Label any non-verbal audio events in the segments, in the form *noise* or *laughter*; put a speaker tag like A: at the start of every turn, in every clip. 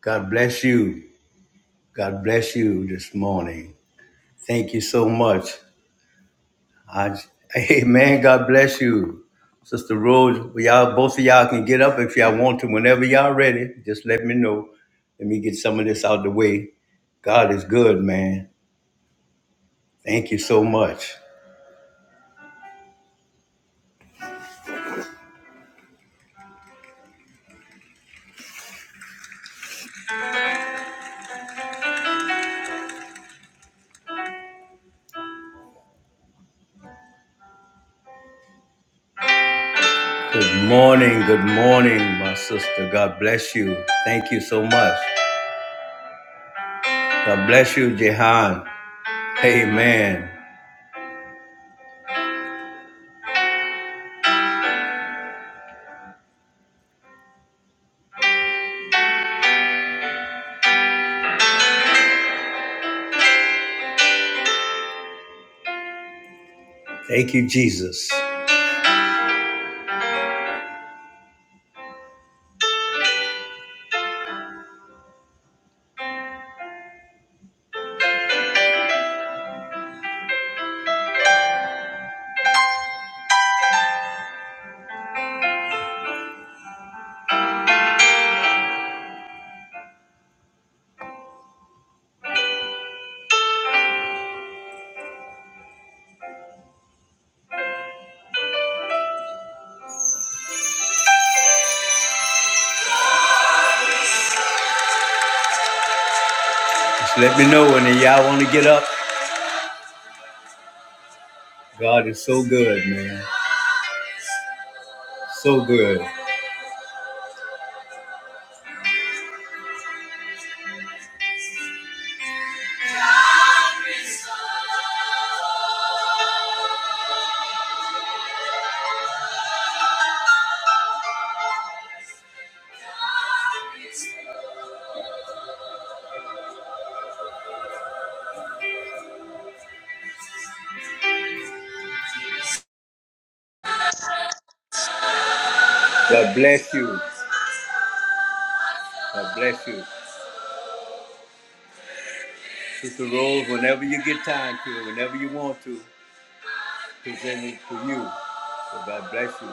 A: God bless you. God bless you this morning. Thank you so much. I, amen. God bless you. Sister Rose, well, y'all, both of y'all can get up if y'all want to. Whenever y'all ready, just let me know. Let me get some of this out the way. God is good, man. Thank you so much. Good morning. Good morning, my sister. God bless you. Thank you so much. God bless you, Jehan. Amen. Thank you, Jesus. Just let me know when y'all want to get up. God is so good, man. So good. God bless you. God bless you. Sister Rose, whenever you get time to, whenever you want to, present it to you. So God bless you.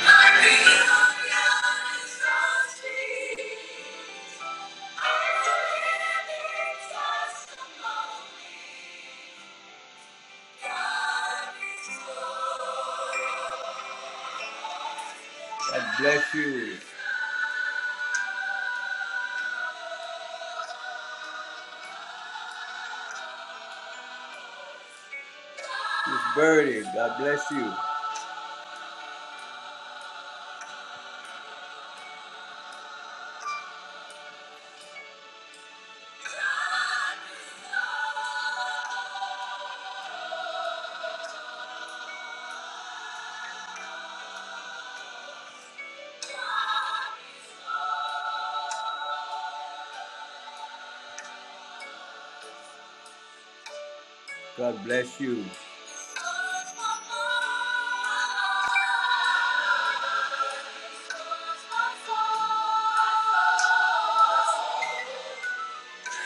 A: God bless you. Miss Birdie, God bless you. God bless you.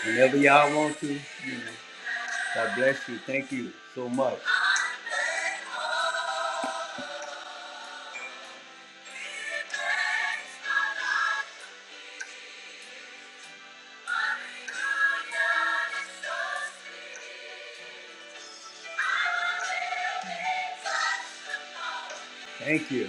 A: Whenever y'all want to, you know, God bless you. Thank you so much. Thank you.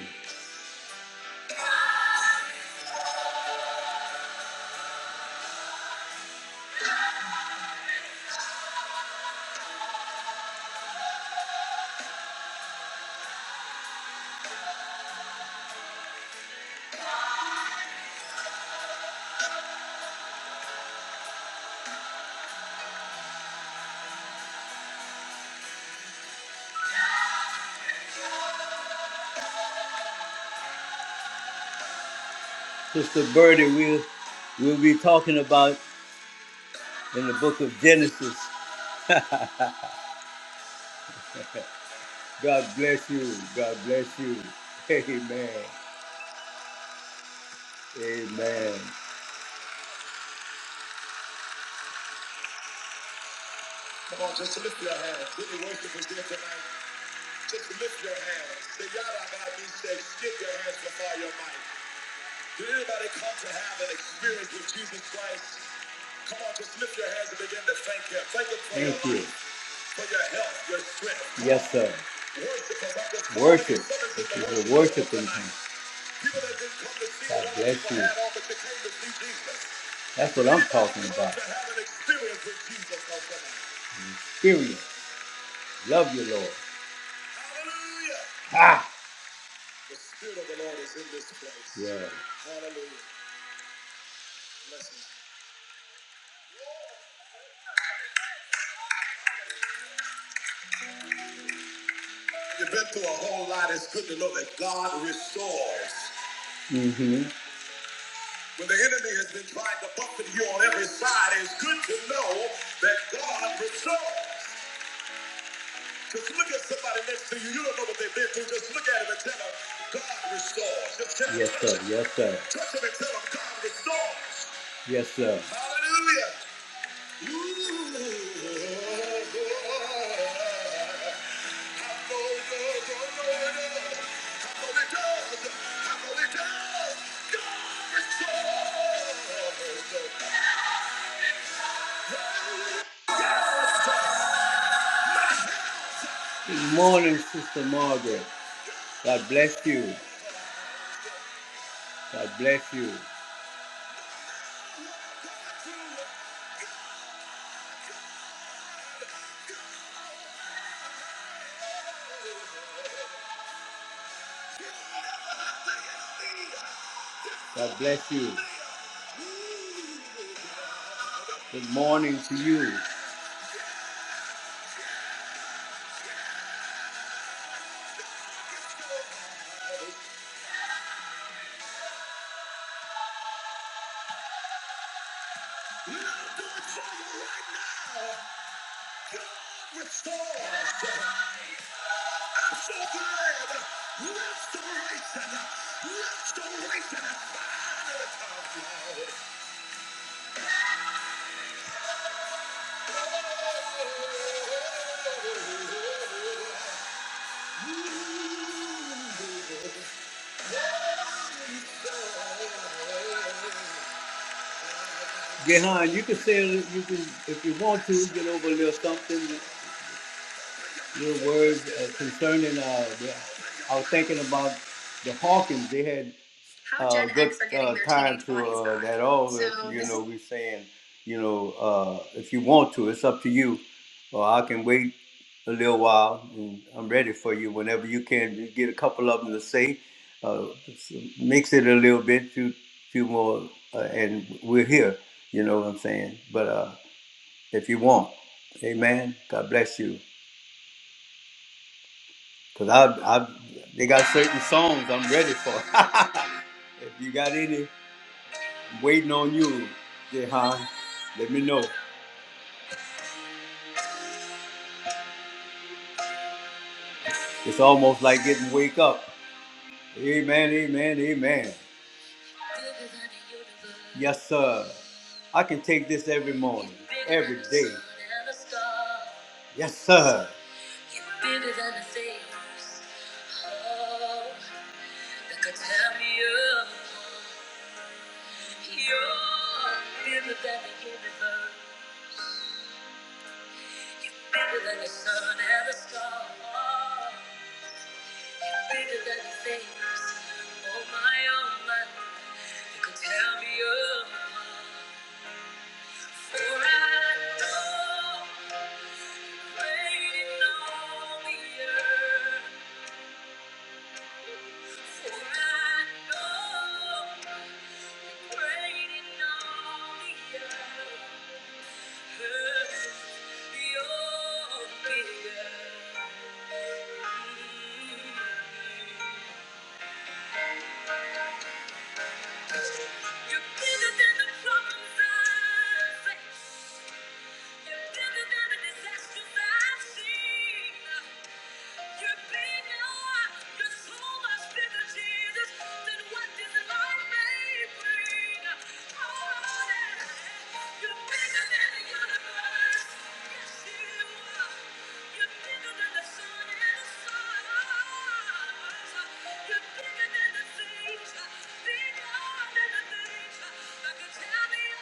A: Sister Birdie, we'll, we'll be talking about in the book of Genesis. God bless you. God bless you. *laughs* Amen. Amen. Just lift your hands. Say yada by Say skip your hands before your mind. Did anybody come to have an experience with Jesus Christ? Come on, just lift your hands and begin to thank Him. Thank Him for thank your you. life, for your health, your strength. Come on. Yes, on. sir. Worship Him. I'm just calling you. Worship. Someone's This the is a worship room worshiping tonight. time. People that didn't come to see God what other bless people you. had on, but you came to see Jesus. That's Did what Did I'm anybody talking come about. to have an experience with Jesus on tonight? Period. Love you, Lord. Hallelujah. Ha! The Spirit of the Lord is in this place. Yeah. Hallelujah. Bless You've been through a whole lot. It's good to know that God restores. mm hmm When the enemy has been trying to buffet you on every side, it's good to know that God restores. Just look at somebody next to you. You don't know what they've been through. Just look at him and tell him, God restores. Just tell 'em, yes, touch sir. Him. Yes, sir. Touch him and tell him, God restores. Yes, sir. Hallelujah. Good morning, Sister Margaret. God bless you. God bless you. God bless you. Good morning to you. Restoration. Restoration. Yeah, Gehan, you can say you can if you want to get over a little something your words uh, concerning uh, the, I was thinking about the Hawkins. They had How uh, good uh, time to uh, back. that all. So you know, we're saying, you know, uh, if you want to, it's up to you. Or I can wait a little while, and I'm ready for you whenever you can. You get a couple of them to say, uh, mix it a little bit, few, few more, uh, and we're here. You know what I'm saying? But uh, if you want, Amen. God bless you. Cause I, I, they got certain songs I'm ready for. *laughs* if you got any, waiting on you, Jehan. Let me know. It's almost like getting wake up. Amen, amen, amen. Yes, sir. I can take this every morning, every day. Yes, sir. You're bigger than the universe. You're bigger than the sun and the stars. Bigger than the things. Oh my, oh my. You can tell me apart. For I know, waiting on the earth. For I know you're great in all the earth. You're bigger. Mm. You're bigger than the problems I face. You're bigger than the disasters I've seen. You're bigger. You're so much bigger, Jesus, than what this life may bring. Oh, yeah. You're bigger than the universe. Yes, you are. You're bigger than the sun and the stars. You're bigger than the things. Bigger than the things. I could tell. Thank you.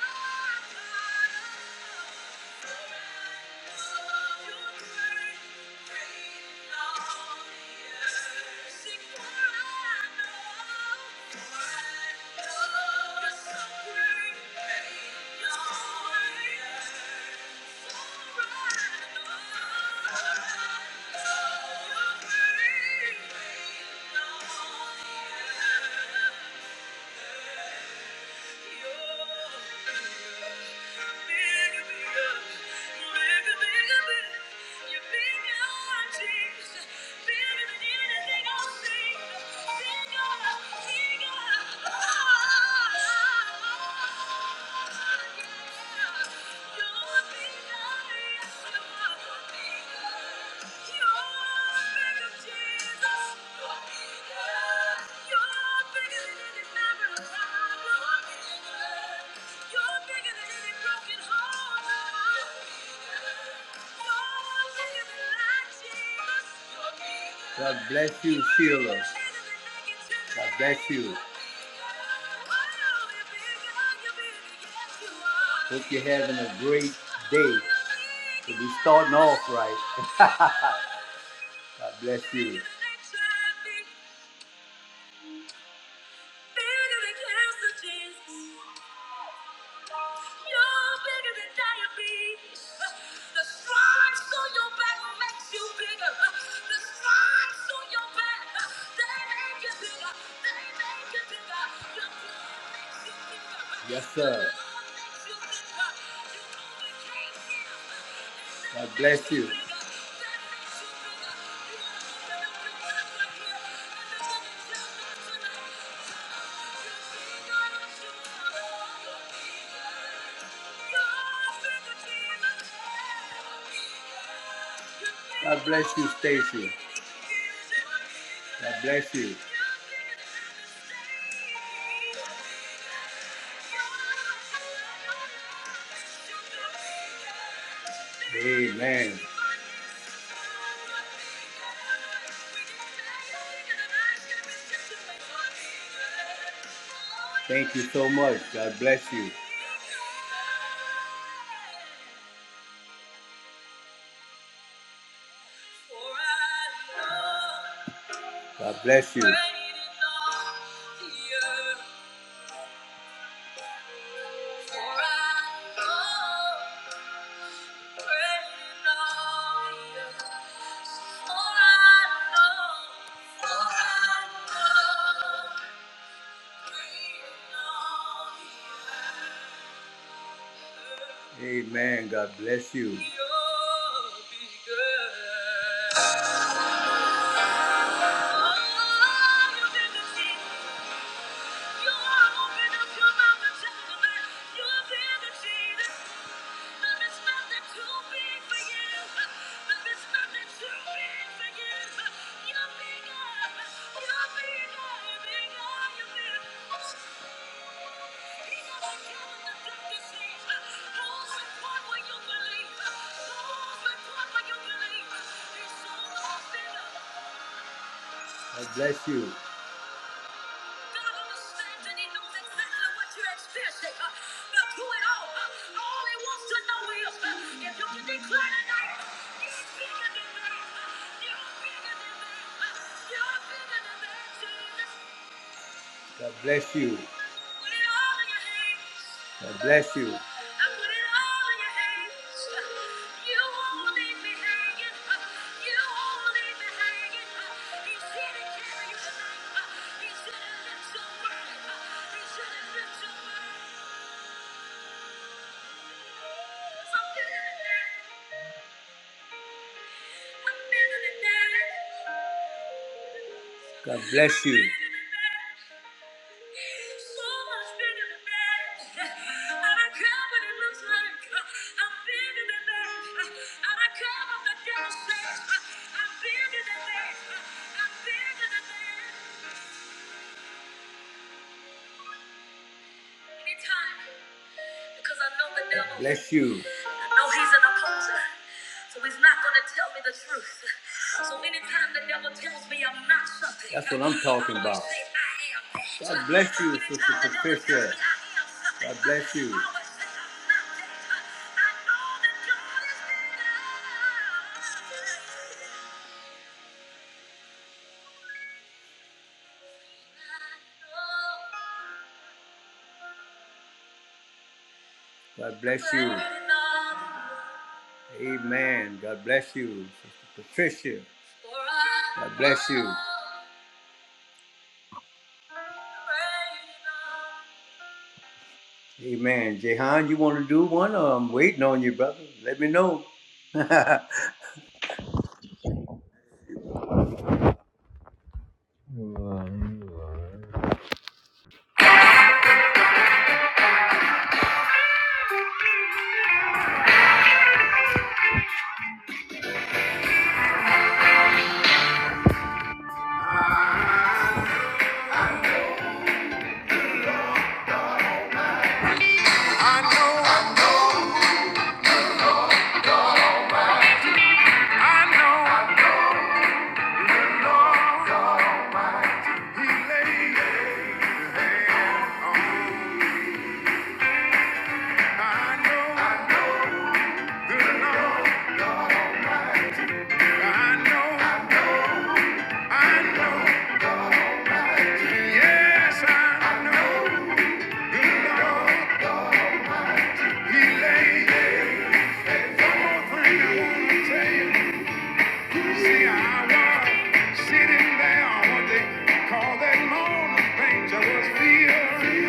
A: You're Yeah. God bless you, Sheila. God bless you. Hope you're having a great day. We'll be starting off right. *laughs* God bless you. You're bigger than diabetes. The stripes on your back makes you bigger. The stripes on your back, they make you bigger. They make you bigger. Your blood makes you bigger. Yes, sir. Your love makes you bigger. You overcame him. God bless you. You're bigger. God bless you, Stacy. God bless you. Amen. Thank you so much. God bless you. God bless you. Amen. God bless you. God bless you. God understands and He knows exactly what you're experiencing. uh, But through it all, uh, all He wants to know is uh, if you can declare tonight, you're bigger than that. uh, You're bigger than that. uh, You're bigger than that. Jesus. God bless you. God bless you. God bless you. So much bigger than that. I don't care what it looks like. uh, I'm bigger than that. I don't care what the devil says. uh, I'm bigger than that. I'm bigger than that. Anytime. Because I know the devil. Bless you. I know he's an opposer. So he's not going to tell me the truth. So anytime the devil tells me I'm not something, That's what I'm talking I always about. say I am that. God bless you, Sister Anytime Sister the devil tells Patricia. me I am something, God bless I you. I always say I'm not that. I know that God is bigger. I know God bless you. Amen. God bless you, Sister Patricia. God bless you. Amen. Jehan, you want to do one? Or I'm waiting on you, brother. Let me know. *laughs* I
B: I know, I know, He laid His hand I know, the Lord, I know, I know, yes, I know, the Lord, He laid. One more thing I wanna tell you. See, I was sitting there on what they call that morning things. I was feeling.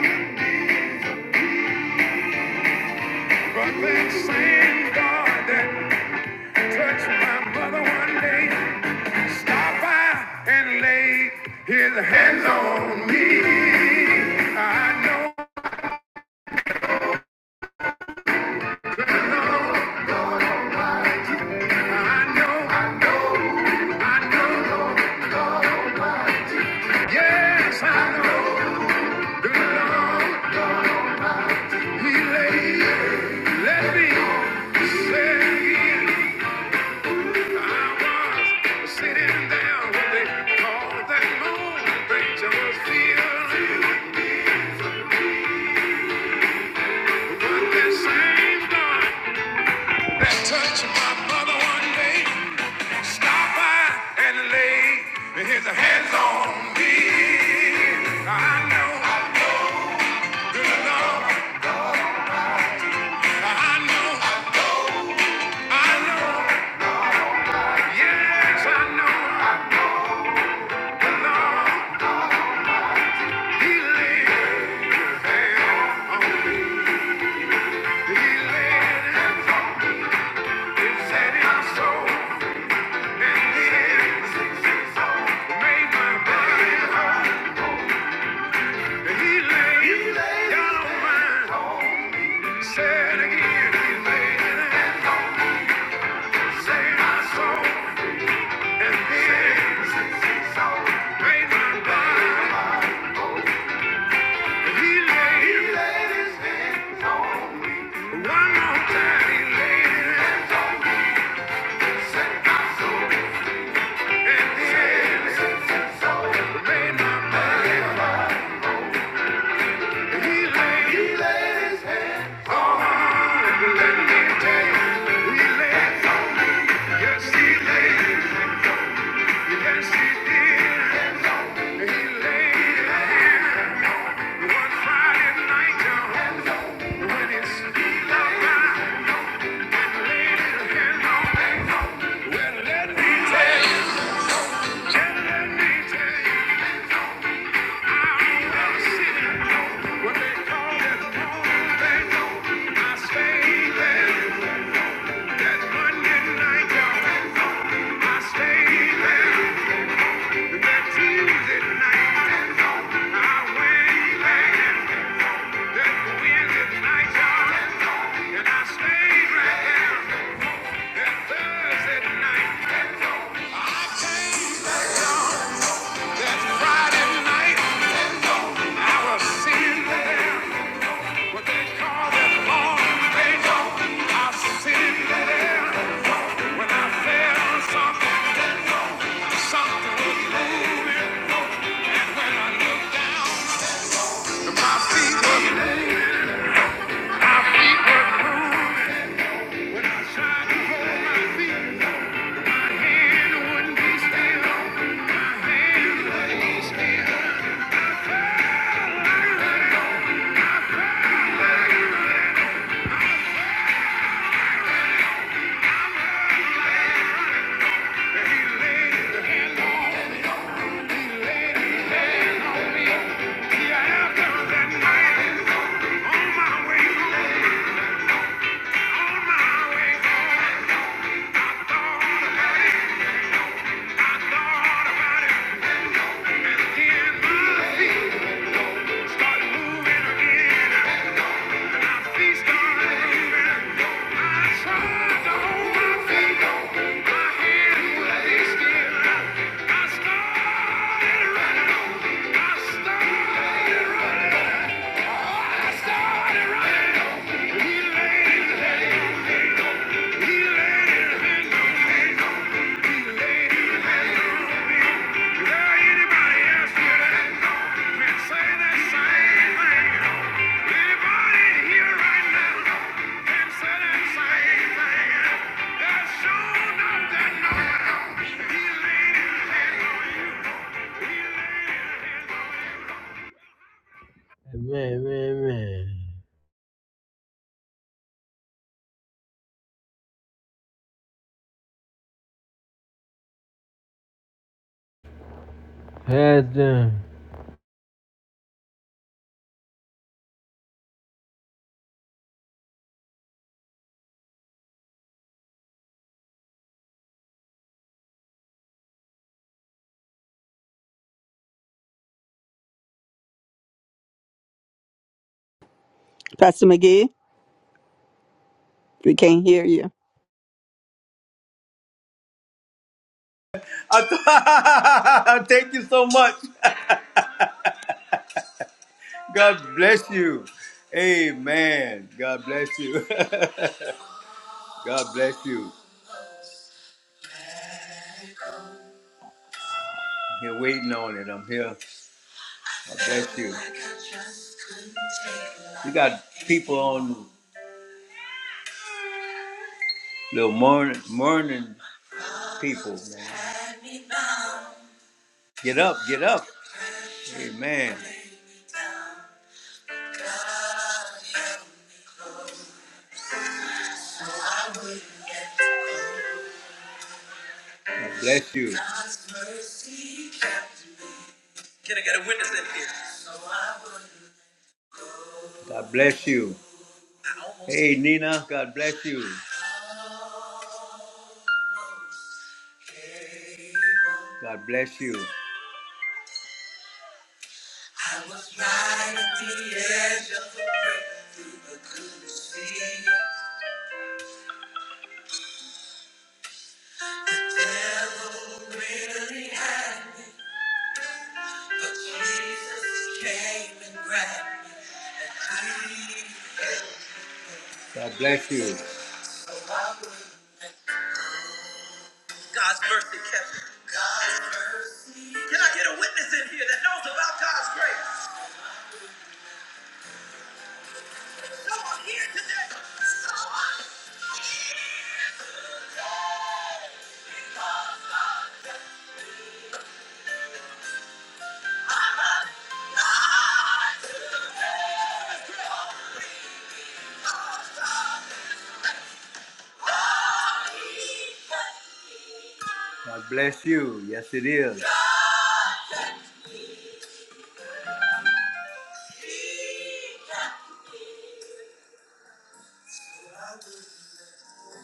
B: But that same God that touched my mother one day stopped by and laid his hands on me. I know, I know, I know, I know. yes, I know the Lord he laid. Let me say again, I was sitting down when they called that morning, Rachel was feeling. That same God my mother one day stopped by and laid his hands on me. I know the Lord. I know. I know. Yes, I know the Lord. He laid his hands on me. He laid his hands on me. He said my soul and he said, made my body whole. He laid his hands on me. Said again, He laid his hands on my soul. And made my body. He laid his hands- one more time. He laid his hands on my soul. He laid, his hands on, let me tell you, he laid on Yes, he laid his hands on, yes, he did. He laid his hands on, one Friday night, y'all, when it's still alive. Laid his hands on, well, let me tell you. And I stayed right there that Thursday night. That Friday night, I was sitting there, what they call that long day. I was sitting there when I felt something, something was moving. When I looked, my feet were moving, my feet were moving. When I tried to hold my feet, my hand wouldn't be still, my hand wouldn't be still. start moving again. He laid his hand on me. Man, man, man. Had them.
C: Pastor McGee, we can't hear you.
A: th- *laughs* Thank you so much. *laughs* God bless you. Amen. God bless you. *laughs* God bless you. I'm here waiting on it. I'm here. God bless you. We got people on the morning, morning people, man. Get up, get up. Amen. God bless you. God bless you. Hey, Nina, God bless you. God bless you. I was right at the edge of but couldn't see it clearly. But Jesus came and grabbed me. I- God bless you. God's mercy kept me. God's mercy. Can I get a witness in here that knows about God's grace? God bless you. Yes, it is.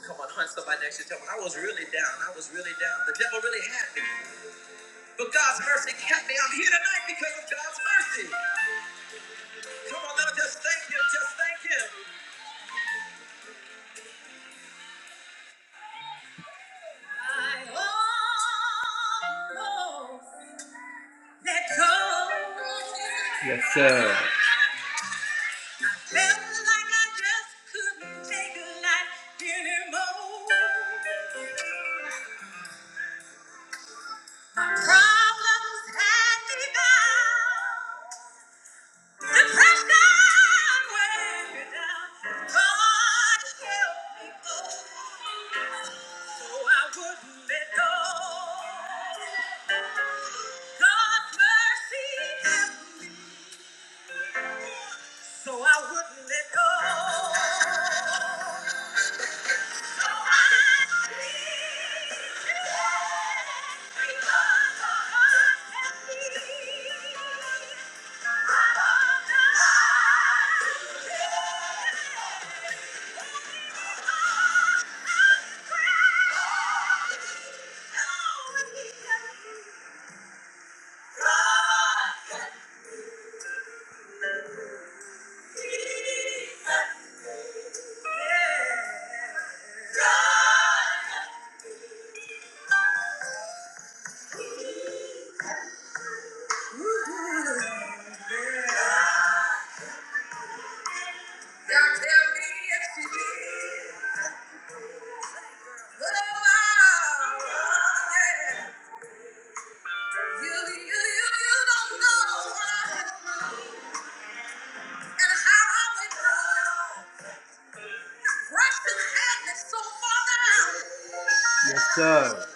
A: Come on, hunt somebody next to you. Tell them, I was really down. I was really down. The devil really had me. But God's mercy kept me. I'm here tonight because of God's mercy. Come on, now just thank Him. Just thank Him. I almost let go. Yes, sir. Let go. My problems had me bound. So I wouldn't let go. You, you, you don't know and how I would know. Russian hand is so far down. Yes, sir. But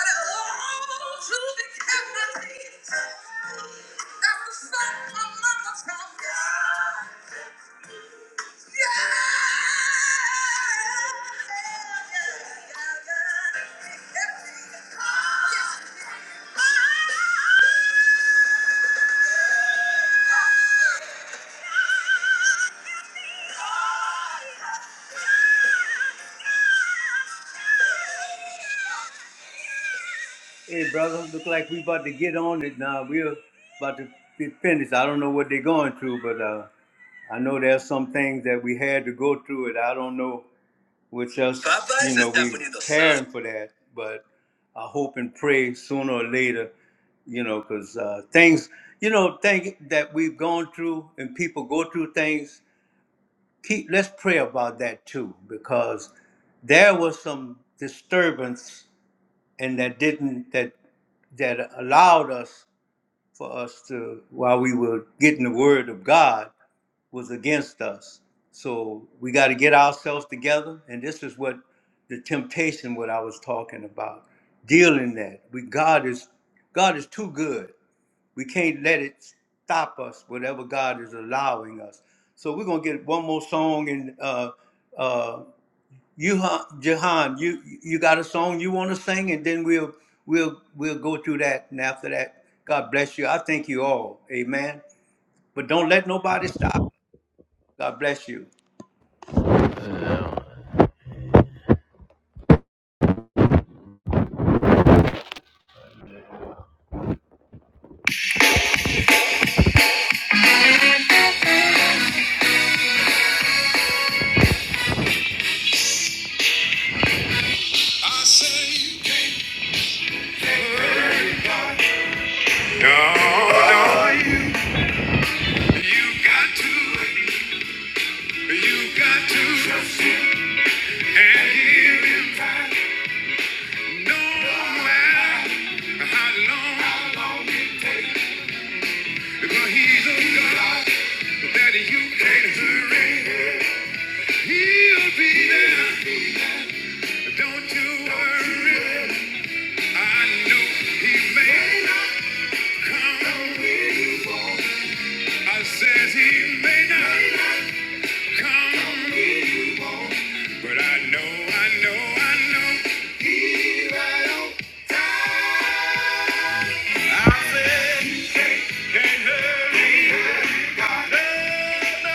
A: all to the captain. That's the son of my mother's house. Hey, brother, look like we about to get on it now. We're about to be finished. I don't know what they're going through, but uh, I know there's some things that we had to go through it. I don't know. which us, Popeyes you is know, is we definitely the son. caring for that. But I hope and pray sooner or later, you know, because uh, things, you know, things that we've gone through and people go through things. Keep let's pray about that too, because there was some disturbance and that didn't that that allowed us for us to, while we were getting the word of God, was against us. So we got to get ourselves together. And this is what the temptation, what I was talking about, dealing that. We God is God is too good. We can't let it stop us. Whatever God is allowing us. So we're gonna get one more song and uh, uh, you, ha- Jahan, you you got a song you want to sing, and then we'll we'll we'll go through that. And after that, God bless you. I thank you all. Amen. But don't let nobody stop. God bless you.
B: No, no. You got to, you got to trust him and hear him no matter how long, how long it takes. Because he's a God that you can't hurry. He'll be there. Don't you worry. I know he may not come. I says he may not come. But I know, I know, I know. Can't hurry, no, no,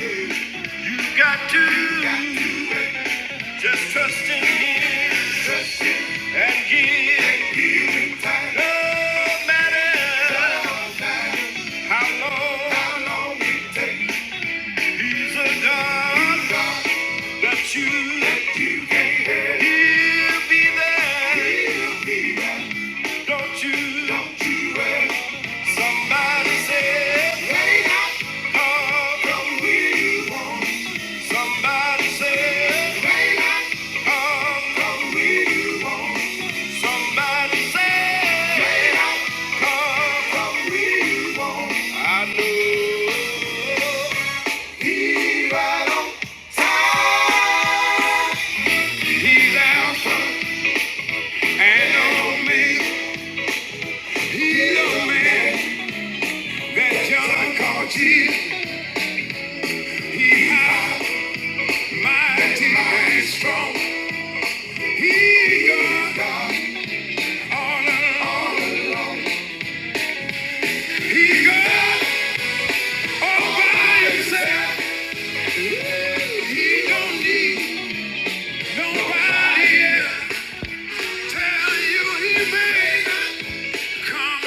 B: no. You got to just trust in Him and give. No matter how long He's a God that you, can't help. He'll be there. Don't you? worry. Somebody said, "Lay out all the wheel." Somebody said, May not come from we want. Somebody said, May come from we want. I know He's right on time. He's Alpha and Omega. He's the man that John called Jesus. He's mighty, and strong. He's God all along. all along. He's God all by himself. He don't need nobody else. Tell you he may not come.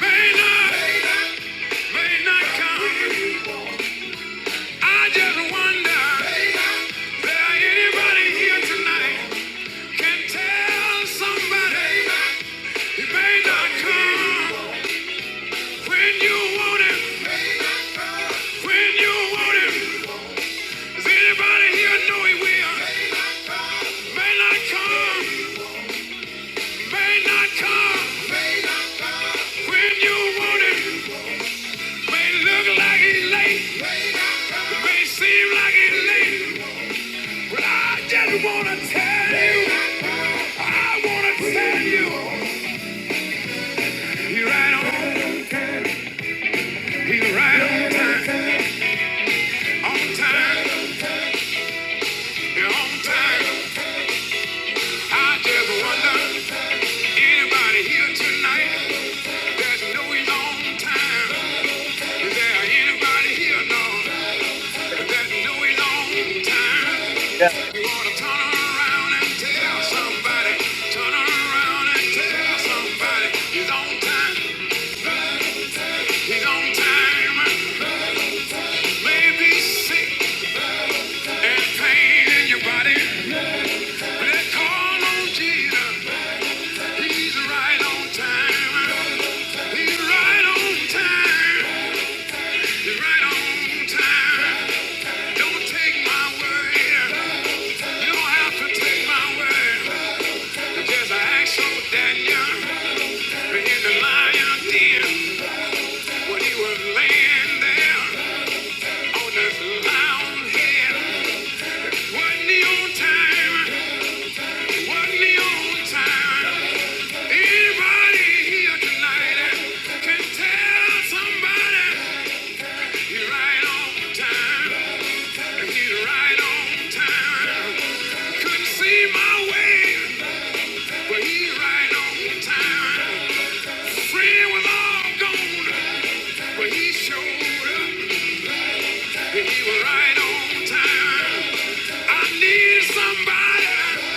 B: May not, may not come. I just wonder, there anybody here tonight can tell somebody he may not come when you want him, when you want him. Is anybody here know he will? May not come, may not come. When you want it, may look like he's late, may seem like he's late. But I just wanna tell you, I wanna tell you, he right on, he right on time, on time, yeah, on time. I just wonder, anybody here tonight? There's no long time. Is there anybody here know that knew a long time? You wanna turn around and tell somebody, turn around and tell somebody he's on time, he's on time. Maybe sick and pain in your body, but call on Jesus, he's right on time. He's right on time. He's right on time. Don't take my word. You don't have to take my word. Just ask old Daniel in the lion den when he was laying there on the lion head. Wasn't he on time? Wasn't he on time? Anybody here tonight can tell somebody he's right on time. He's right on time. Couldn't see my way, but he's right on time. Friend was all gone, but he showed up. and He was right on time. I needed somebody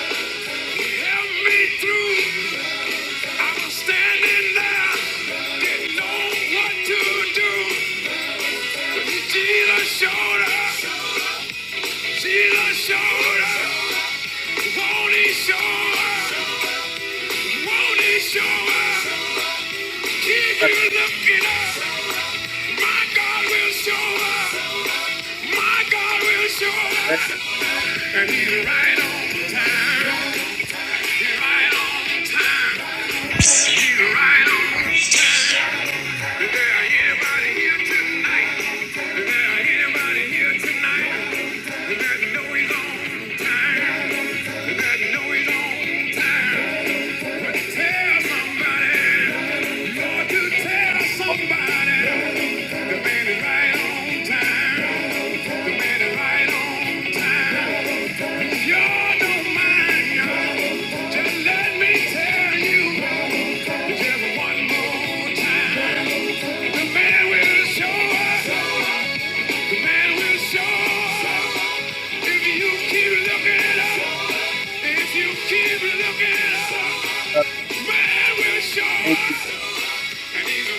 B: to help me through. I was standing there, didn't know what to do. But Jesus showed up. Jesus showed up. Won't he show up? Won't he show up? If you look it up, my God will show up. My God will show up. And he's right on time. He's right on time. He's right on time. Is there anybody here tonight? Is there anybody here tonight? That know he's on time. That know he's on time. Tell somebody, Lord, you tell somebody. The man is right on time. The man is right on time. If y'all don't mind, y'all, just let me tell you just one more time. The man will show up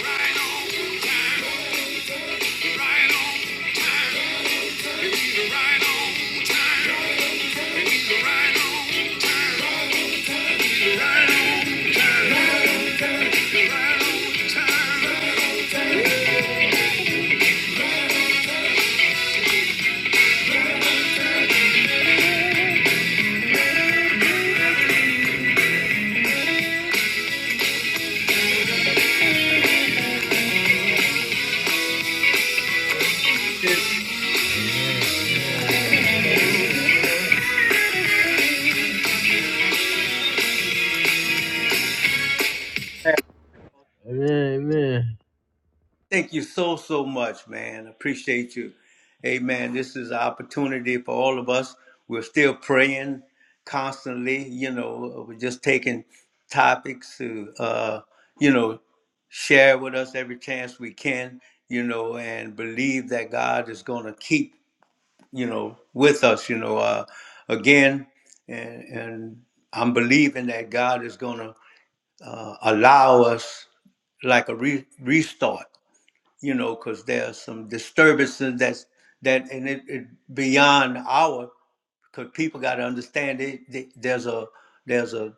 B: right right right right right right Amen, amen.
A: Thank you so, so much, man. Appreciate you. Amen. This is an opportunity for all of us. We're still praying constantly. You know, we're just taking topics to, uh, you know, share with us every chance we can, you know, and believe that God is going to keep, you know, with us, you know, uh, again. And, and I'm believing that God is going to uh, allow us like a re- restart you know, because there's some disturbances that's that and it, it beyond our because people got to understand it, th- there's a there's a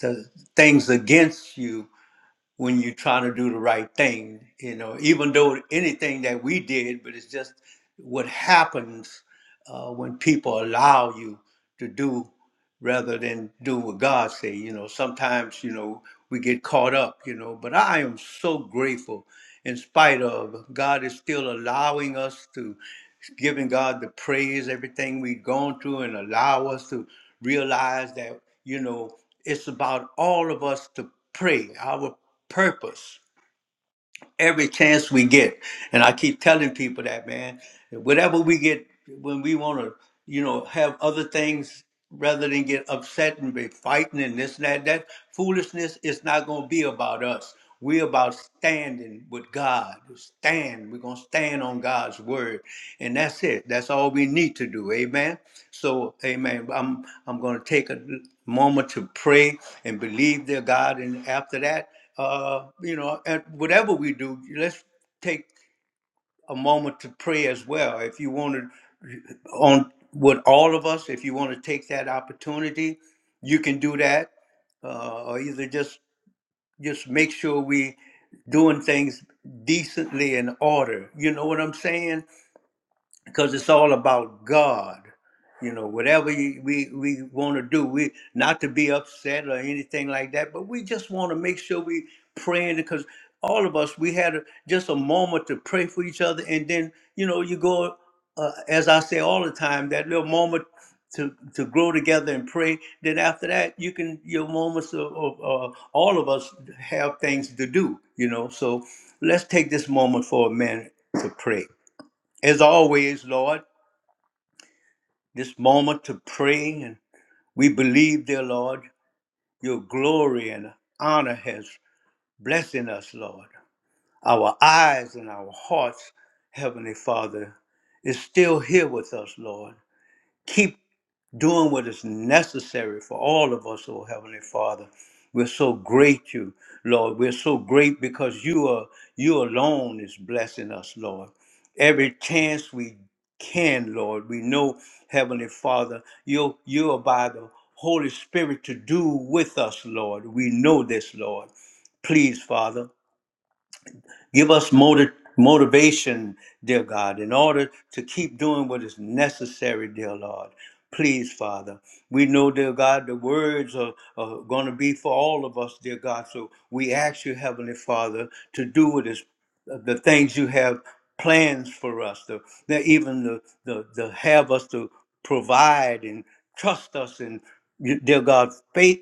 A: the things against you when you're trying to do the right thing you know even though anything that we did but it's just what happens uh, when people allow you to do rather than do what God say. You know, sometimes you know we get caught up. You know, but I am so grateful. In spite of God is still allowing us to giving God the praise, everything we've gone through, and allow us to realize that you know it's about all of us to pray. Our purpose every chance we get. And I keep telling people that, man, whatever we get when we want to, you know, have other things rather than get upset and be fighting and this and that, that foolishness is not going to be about us. We're about standing with God. Stand. We're going to stand on God's word. And that's it. That's all we need to do. Amen. So, amen. I'm I'm going to take a moment to pray and believe their God. And after that, uh, you know, at whatever we do, let's take a moment to pray as well. If you want to, on with all of us, if you want to take that opportunity, you can do that, uh, or either just just make sure we doing things decently in order. You know what I'm saying? because it's all about God. You know, whatever you- we we want to do, we not to be upset or anything like that, but we just want to make sure we praying because all of us we had a, just a moment to pray for each other, and then you know you go uh, as I say all the time that little moment to to grow together and pray. Then after that, you can your moments of, of uh, all of us have things to do. You know, so let's take this moment for a minute to pray. As always, Lord this moment to pray. And we believe, dear Lord, your glory and honor has blessing us, Lord. Our eyes and our hearts, Heavenly Father, is still here with us, Lord. Keep doing what is necessary for all of us, oh Heavenly Father. We're so great you, Lord. We're so great because you are you alone is blessing us, Lord. Every chance we can, Lord, we know, Heavenly Father, you you are by the Holy Spirit to do with us, Lord. We know this, Lord. Please, Father. Give us motiv- motivation, dear God, in order to keep doing what is necessary, dear Lord. Please, Father. We know, dear God, the words are, are going to be for all of us, dear God. So we ask you, Heavenly Father, to do what is the things you have plans for us, To that, even the, the the have us to provide and trust us and dear God, faith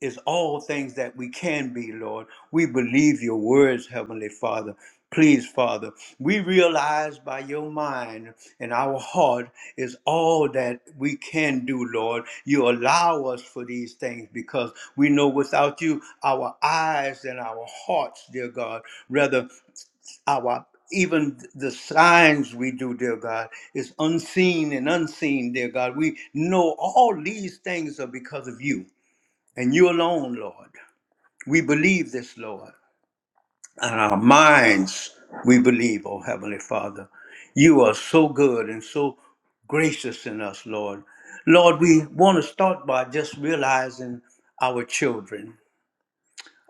A: is all things that we can be, Lord. We believe your words, Heavenly Father. Please, Father, we realize by your mind and our heart is all that we can do, Lord. You allow us for these things because we know without you, our eyes and our hearts, dear God, rather our even the signs we do, dear God, is unseen and unseen, dear God. We know all these things are because of you and you alone, Lord. We believe this, Lord. And our minds, we believe, oh Heavenly Father. You are so good and so gracious in us, Lord. Lord, we want to start by just realizing our children.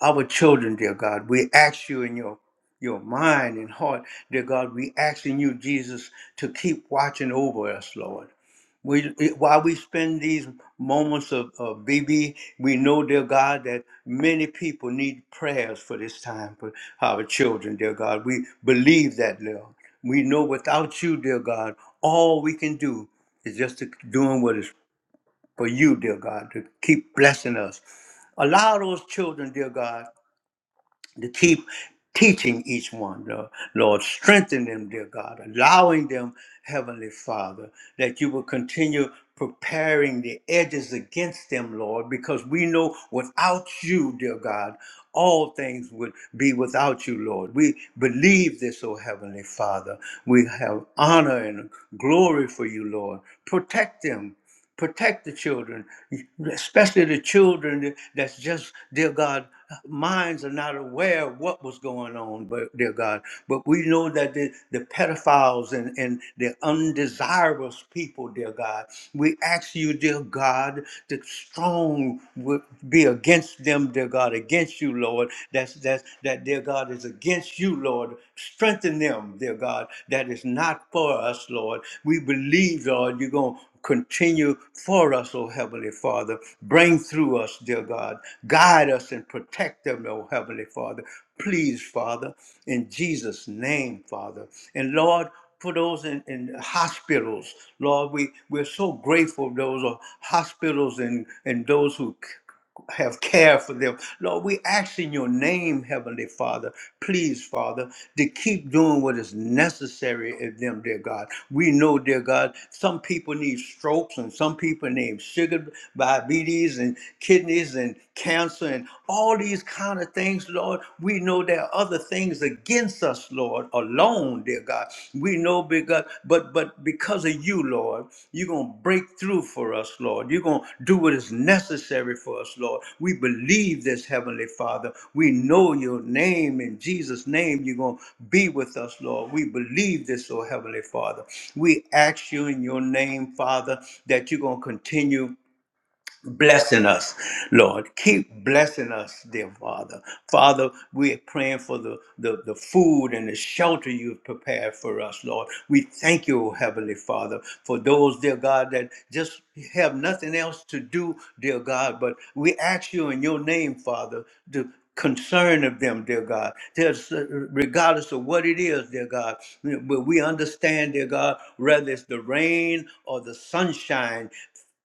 A: Our children, dear God, we ask you in your your mind and heart, dear God, we asking you, Jesus, to keep watching over us, Lord. We while we spend these moments of, of BB, we know, dear God, that many people need prayers for this time for our children, dear God. We believe that, Lord. We know without you, dear God, all we can do is just to doing what is for you, dear God, to keep blessing us. Allow those children, dear God, to keep teaching each one, Lord. Lord, strengthen them, dear God, allowing them, Heavenly Father, that you will continue preparing the edges against them, Lord, because we know without you, dear God, all things would be without you, Lord. We believe this, O Heavenly Father. We have honor and glory for you, Lord. Protect them protect the children, especially the children that's just, dear God, minds are not aware of what was going on, but dear God. But we know that the, the pedophiles and, and the undesirable people, dear God, we ask you, dear God, the strong would be against them, dear God, against you, Lord. That's that's that dear God is against you, Lord. Strengthen them, dear God, that is not for us, Lord. We believe, Lord, you're going to continue for us, O Heavenly Father. Bring through us, dear God. Guide us and protect them, O Heavenly Father. Please, Father, in Jesus' name, Father. And Lord, for those in, in hospitals, Lord, we, we're so grateful for those are hospitals and, and those who have care for them. Lord, we ask in your name, Heavenly Father, please, Father, to keep doing what is necessary of them, dear God. We know, dear God, some people need strokes and some people need sugar diabetes and kidneys and cancer and all these kind of things, Lord. We know there are other things against us, Lord, alone alone, dear God. We know because, but but because of you, Lord, you're gonna break through for us, Lord. You're gonna do what is necessary for us, Lord. We believe this, Heavenly Father. We know your name in Jesus' name. You're gonna be with us, Lord. We believe this, oh Heavenly Father. We ask you in your name, Father, that you're gonna continue blessing us, Lord. Keep blessing us, dear Father. Father, we are praying for the, the, the food and the shelter you've prepared for us, Lord. We thank you, Heavenly Father, for those, dear God, that just have nothing else to do, dear God, but we ask you in your name, Father, to concern of them, dear God. There's, uh, regardless of what it is, dear God, but we understand, dear God, whether it's the rain or the sunshine,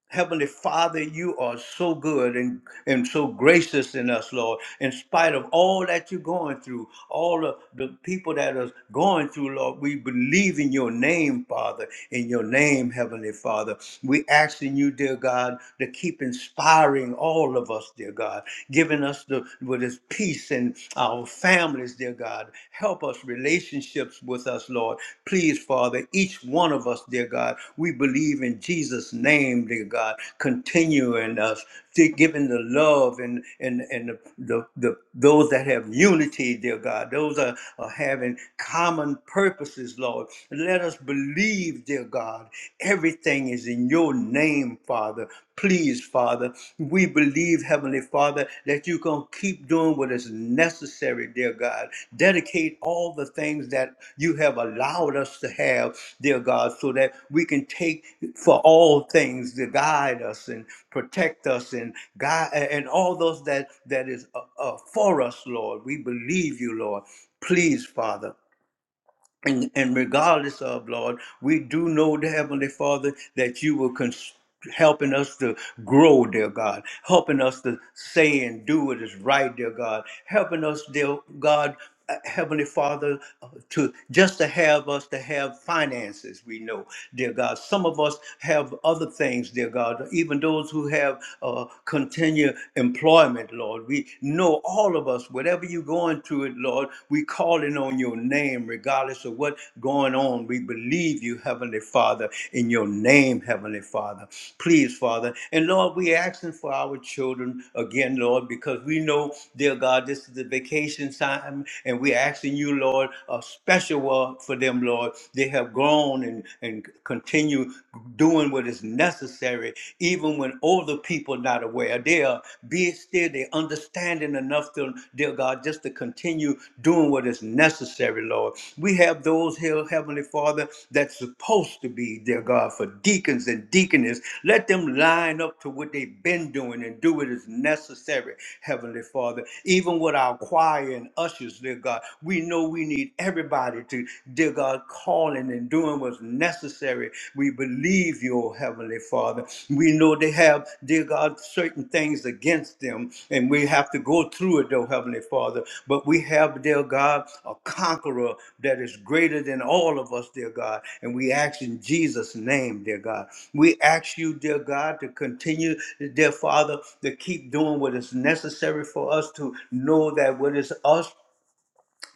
A: Heavenly Father, you are so good and, and so gracious in us, Lord. In spite of all that you're going through, all of the people that are going through, Lord, we believe in your name, Father, in your name, Heavenly Father. We asking you, dear God, to keep inspiring all of us, dear God, giving us the with his peace and our families, dear God, Help us relationships with us, Lord. Please, Father, each one of us, dear God, we believe in Jesus' name, dear God. Continue in us, to giving the love and and and the, the, the those that have unity, dear God. Those are, are having common purposes, Lord. Let us believe, dear God. Everything is in your name, Father. Please, Father, we believe, Heavenly Father, that you're going to keep doing what is necessary, dear God. Dedicate all the things that you have allowed us to have, dear God, so that we can take for all things to guide us and protect us and guide and all those that that is uh, uh, for us, Lord. We believe you, Lord. Please, Father. And, and regardless of, Lord, we do know, the Heavenly Father, that you were cons- helping us to grow, dear God, helping us to say and do what is right, dear God, helping us, dear God, uh, Heavenly Father, uh, to just to have us to have finances, we know, dear God. Some of us have other things, dear God, even those who have uh, continued employment, Lord. We know all all of us, whatever you're going through it, Lord, we calling on your name, regardless of what's going on. We believe you, Heavenly Father, in your name, Heavenly Father. Please, Father. And Lord, we asking for our children again, Lord, because we know, dear God, this is the vacation time, and we asking you, Lord, a special word for them, Lord. They have grown and, and continue doing what is necessary, even even when older people are not aware, they are being still, they understanding enough to, dear God, just to continue doing what is necessary, Lord. We have those here, Heavenly Father, that's supposed to be, dear God, for deacons and deaconess. Let them line up to what they've been doing and do what is necessary, Heavenly Father. Even with our choir and ushers, dear God, we know we need everybody to, dear God, calling and and doing what's necessary. We believe you, oh Heavenly Father. We know they have, dear God, certain things against them, and we have to go through it, oh Heavenly Father. But we have, dear God, a conqueror that is greater than all of us, dear God. And we ask in Jesus' name, dear God. We ask you, dear God, to continue, dear Father, to keep doing what is necessary for us to know that what is us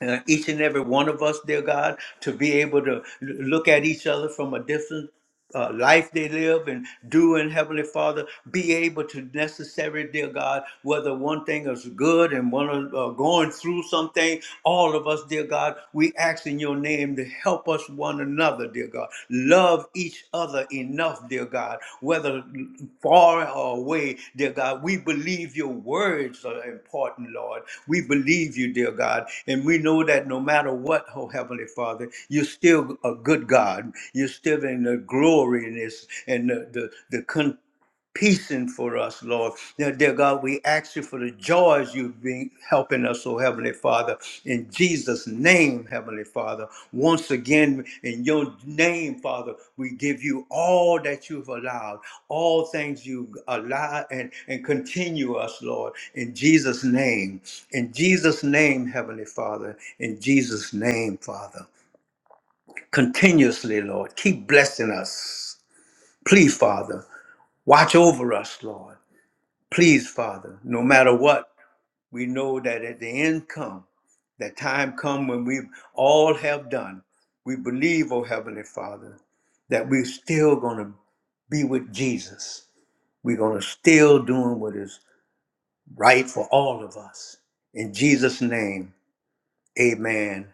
A: uh, each and every one of us, dear God, to be able to l- look at each other from a different uh, life they live and do in Heavenly Father, be able to necessary, dear God, whether one thing is good and one is uh, going through something, all of us, dear God, we ask in your name to help us one another, dear dear God. Love each other enough, dear God, whether far or away, dear God. We believe your words are important, Lord. We believe you, dear God. And we know that no matter what, oh Heavenly Father, you're still a good God. You're still in the gloriness and the, the, the con peacing for us, Lord. Now, dear God, we ask you for the joys you've been helping us, oh Heavenly Father. In Jesus' name, Heavenly Father. Once again, in your name, Father, we give you all that you've allowed, all things you allow and, and continue us, Lord. In Jesus' name. In Jesus' name, Heavenly Father. In Jesus' name, Father. Continuously, Lord. Keep blessing us. Please, Father, watch over us, Lord. Please, Father, no matter what, we know that at the end come, that time come when we all have done. We believe, oh Heavenly Father, that we're still going to be with Jesus. We're going to still doing what is right for all of us. In Jesus' name, amen,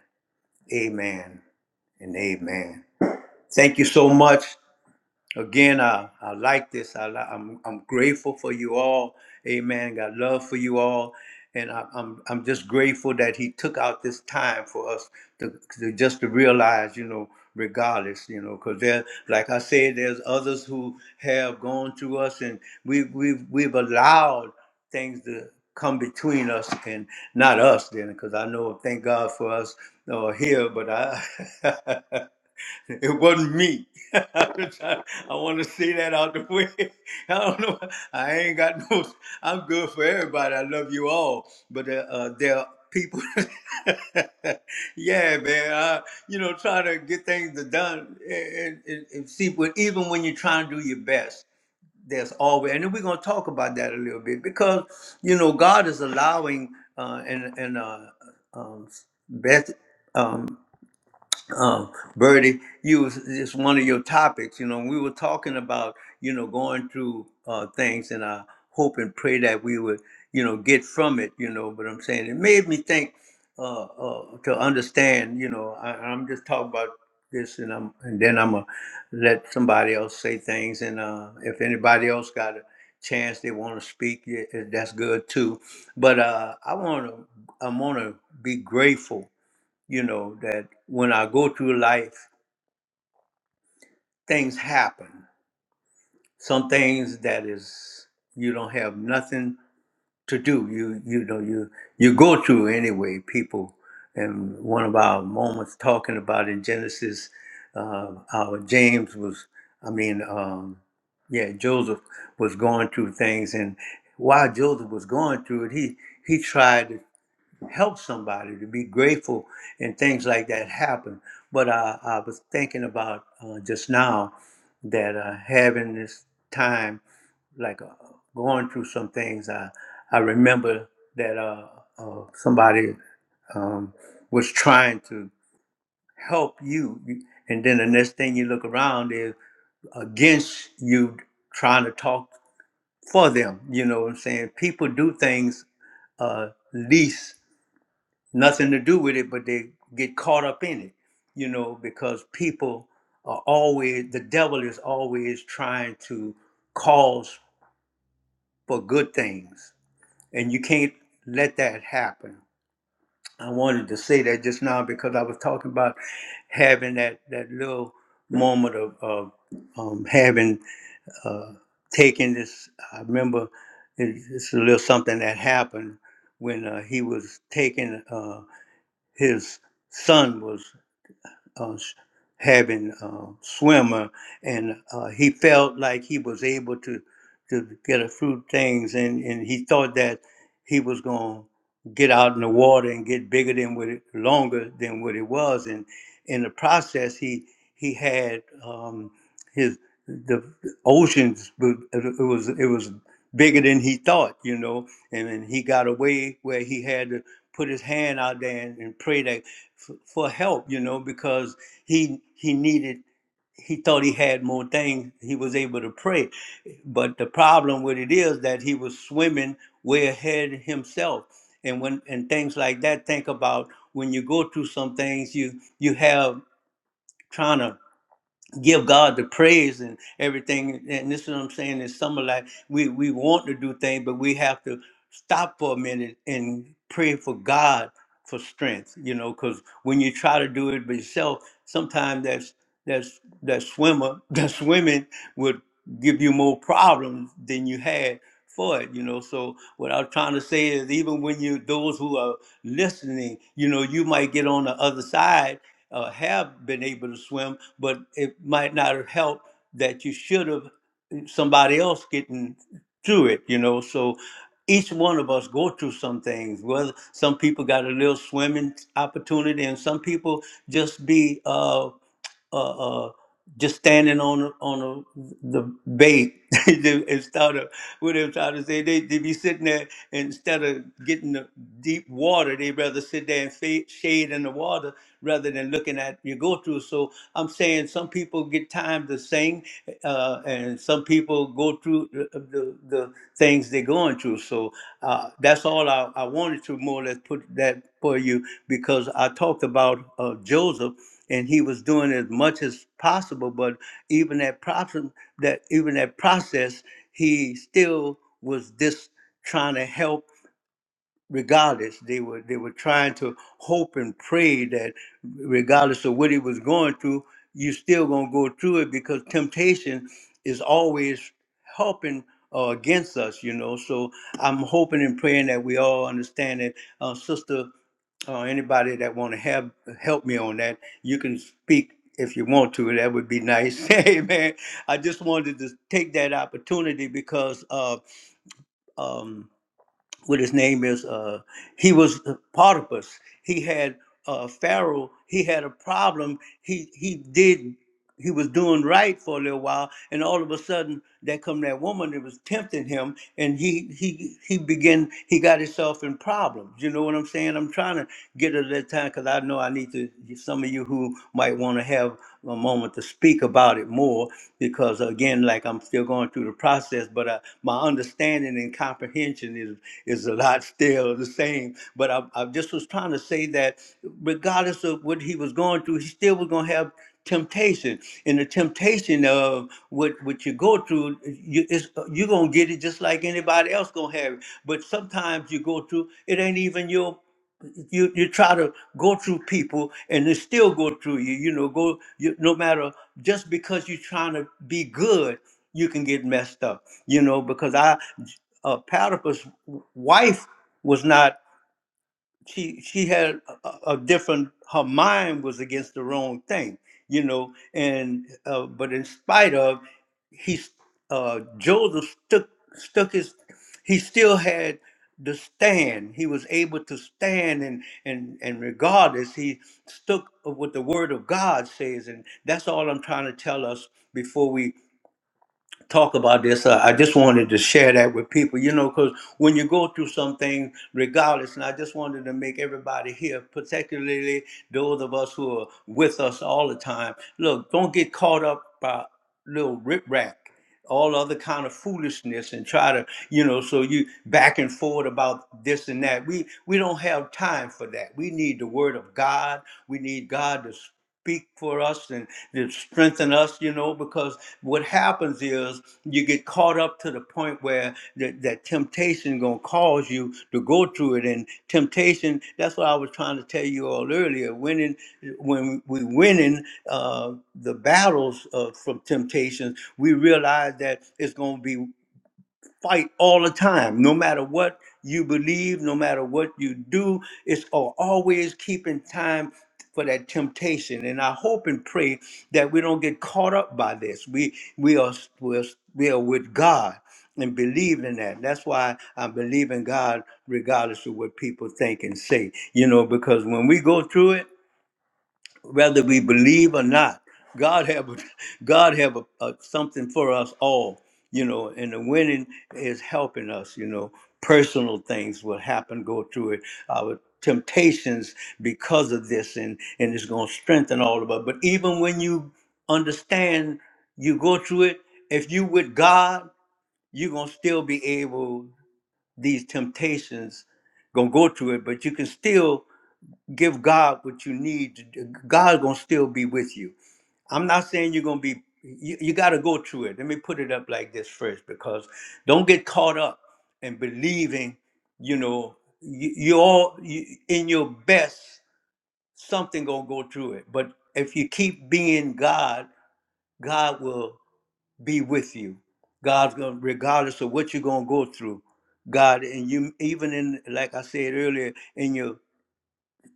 A: amen, and amen. Thank you so much. Again, I, I like this. I li- I'm I'm grateful for you all. Amen. Got love for you all, and I, I'm I'm just grateful that He took out this time for us to, to just to realize, you know, regardless, you know, because there, like I said, there's others who have gone through us, and we we've we've allowed things to come between us and not us then because i know thank god for us uh, here but i *laughs* It wasn't me. *laughs* I'm trying- I want to say that out the way. *laughs* I don't know. I ain't got no. I'm good for everybody. I love you all, but uh, uh, there are people. *laughs* yeah, man. I, you know, try to get things done and, and, and see. But even when you're trying to do your best, there's always. And then we're gonna talk about that a little bit because you know God is allowing uh, and and uh, um, Beth um, Birdie, you was just one of your topics. You know, we were talking about you know going through uh, things, and I hope and pray that we would you know get from it. You know, but I'm saying it made me think uh, uh, to understand. You know, I, I'm just talking about this, and I'm and then I'm gonna let somebody else say things, and uh, if anybody else got a chance they want to speak, yeah, that's good too. But uh, I want to I want to be grateful you know that when i go through life things happen some things that is you don't have nothing to do you you know you you go through anyway people and one of our moments talking about in genesis uh our james was i mean um yeah joseph was going through things and while joseph was going through it he he tried help somebody, to be grateful, and things like that happen. But uh, I was thinking about uh, just now that uh, having this time, like uh, going through some things, I, I remember that uh, uh, somebody um, was trying to help you. And then the next thing you look around is against you trying to talk for them. You know what I'm saying? People do things uh, least nothing to do with it, but they get caught up in it, you know, because people are always, the devil is always trying to cause for good things. And you can't let that happen. I wanted to say that just now because I was talking about having that, that little moment of, of um, having uh, taken this. I remember it- it's a little something that happened when uh, he was taking uh, his son was. uh, s- having uh, swimmer, and uh, he felt like he was able to to get a few things, and, and he thought that he was going to get out in the water and get bigger than what it, longer than what it was, and in the process, he he had um, his the oceans. w- It was it was bigger than he thought, you know, and then he got away where he had to put his hand out there and, and pray that for, for help, you know, because he he needed he thought he had more things he was able to pray. But the problem with it is that he was swimming way ahead himself. And when and things like that, think about when you go through some things you you have trying to give God the praise and everything. And this is what I'm saying is some of like we we want to do things, but we have to stop for a minute and pray for God for strength. You know, because when you try to do it by yourself, sometimes that's that's that swimmer *laughs* that swimming would give you more problems than you had for it you know so what i'm trying to say is even when you those who are listening you know you might get on the other side uh, have been able to swim, but it might not have helped that you should have somebody else getting through it, you know. So each one of us go through some things. Whether some people got a little swimming opportunity, and some people just be. Uh, uh, uh, just standing on on the, the bait *laughs* instead of what I'm trying to say. They they be sitting there instead of getting the deep water, they rather sit there and fa- shade in the water rather than looking at your go through. So I'm saying some people get time to sing, uh, and some people go through the, uh, the, the things they're going through. So uh, that's all I, I wanted to more or less put that for you because I talked about uh, Joseph and he was doing as much as possible but even that process that even that process he still was just trying to help regardless they were they were trying to hope and pray that regardless of what he was going through you still gonna go through it because temptation is always helping uh, against us you know so i'm hoping and praying that we all understand that uh, sister uh, anybody that want to have help me on that you can speak if you want to that would be nice *laughs* hey man i just wanted to take that opportunity because uh, um what his name is. Uh, he was Potipus. He had uh, Pharaoh, he had a problem. He he did he was doing right for a little while, and all of a sudden, there come that woman that was tempting him, and he he he began he got himself in problems. You know what I'm saying? I'm trying to get to that time because I know I need to. Some of you who might want to have a moment to speak about it more, because again, like I'm still going through the process, but I, my understanding and comprehension is is a lot still the same. But I, I just was was trying to say that regardless of what he was going through, he still was going to have temptation. And the temptation of what, what you go through, you, it's, you're going to get it just like anybody else going to have it. But sometimes you go through, it ain't even your you you try to go through people and they still go through you you know go you, no matter just because you're trying to be good you can get messed up you know because i uh, Potiphar's wife was not she she had a, a different her mind was against the wrong thing you know and uh, but in spite of he s- uh joseph stuck stuck his he still had the stand he was able to stand and and and regardless he stuck with what the word of god says and that's all i'm trying to tell us before we talk about this. Uh, I just wanted to share that with people, you know, because when you go through something, regardless, and I just wanted to make everybody here, particularly those of us who are with us all the time, look, don't get caught up by little riprap all other kind of foolishness and try to you know so you back and forth about this and that we we don't have time for that we need the word of god we need god to speak for us and to strengthen us, you know, because what happens is you get caught up to the point where that, that temptation gonna cause you to go through it. And temptation, that's what I was trying to tell you all earlier. Winning when we winning uh, the battles uh, from temptations, we realize that it's gonna be fight all the time, no matter what you believe, no matter what you do. It's al- always keeping time for that temptation. And I hope and pray that we don't get caught up by this. We we are we're, we are with God and believe in that. That's why I believe in God regardless of what people think and say. You know, because when we go through it, whether we believe or not, God have God have a, a, something for us all, you know. And the winning is helping us, you know. Personal things will happen, go through it. Our temptations because of this, and and it's going to strengthen all of us. But even when you understand, you go through it. If you with God, you're gonna still be able. These temptations gonna go through it, but you can still give God what you need. to do, God's gonna still be with you. I'm not saying you're gonna be. You, you got to go through it. Let me put it up like this first, because don't get caught up in believing. You know, you, you're all you, in your best. Something gonna go through it. But if you keep being God, God will be with you. God's gonna, regardless of what you're gonna go through, God and you, even in like I said earlier, in your